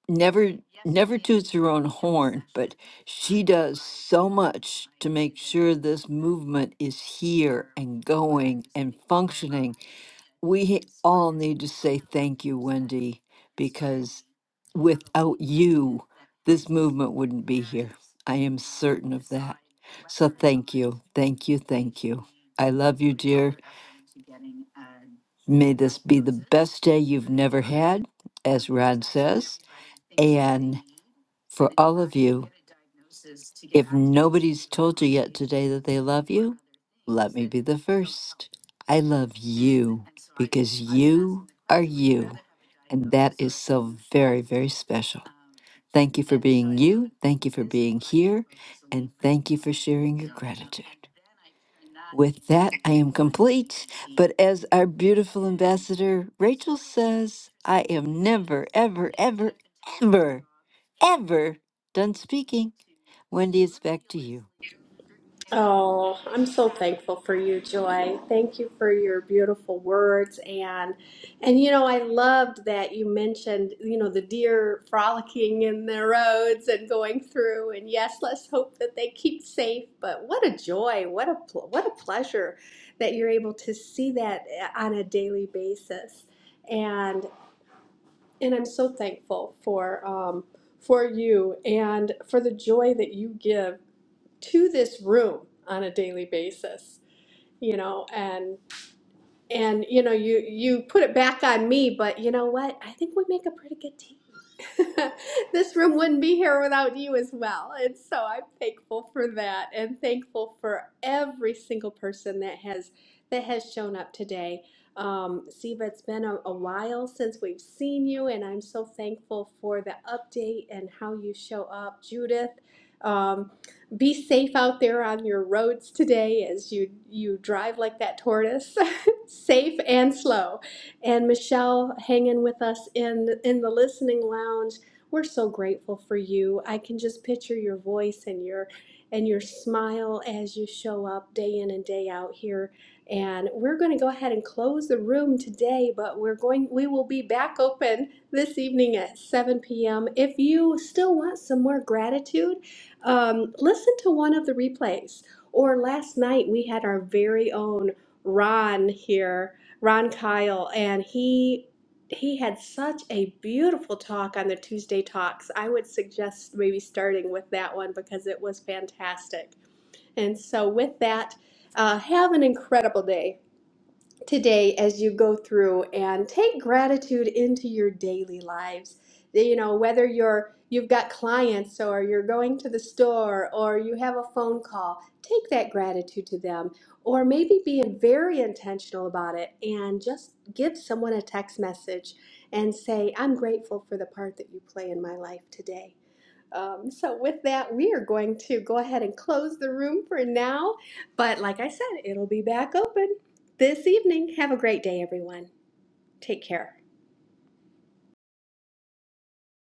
never, never toots her own horn, but she does so much to make sure this movement is here and going and functioning we all need to say thank you, Wendy, because without you, this movement wouldn't be here. I am certain of that. So thank you. Thank you. Thank you. I love you, dear. May this be the best day you've never had, as Rod says. And for all of you, if nobody's told you yet today that they love you, let me be the first. I love you because you are you. And that is so very, very special. Thank you for being you. Thank you for being here. And thank you for sharing your gratitude. With that, I am complete. But as our beautiful ambassador Rachel says, I am never, ever, ever, ever, ever done speaking. Wendy, it's back to you. Oh, I'm so thankful for you, Joy. Thank you for your beautiful words and and you know, I loved that you mentioned, you know, the deer frolicking in the roads and going through and yes, let's hope that they keep safe, but what a joy, what a pl- what a pleasure that you're able to see that eh, on a daily basis. And and I'm so thankful for um for you and for the joy that you give to this room on a daily basis, you know, and and you know you you put it back on me but you know what i think we make a pretty good team this room wouldn't be here without you as well and so i'm thankful for that and thankful for every single person that has that has shown up today um, Siva, it's been a, a while since we've seen you, and I'm so thankful for the update and how you show up. Judith, um, be safe out there on your roads today as you you drive like that tortoise safe and slow. And Michelle hanging with us in in the listening lounge. We're so grateful for you. I can just picture your voice and your and your smile as you show up day in and day out here. And we're going to go ahead and close the room today, but we're going we will be back open this evening at 7 p.m. If you still want some more gratitude, um, listen to one of the replays. Or last night we had our very own Ron here, Ron Kyle, and he he had such a beautiful talk on the Tuesday talks. I would suggest maybe starting with that one because it was fantastic. And so with that, uh, have an incredible day today as you go through and take gratitude into your daily lives you know whether you're you've got clients or you're going to the store or you have a phone call take that gratitude to them or maybe be very intentional about it and just give someone a text message and say i'm grateful for the part that you play in my life today um, so with that, we are going to go ahead and close the room for now. But like I said, it'll be back open this evening. Have a great day, everyone. Take care.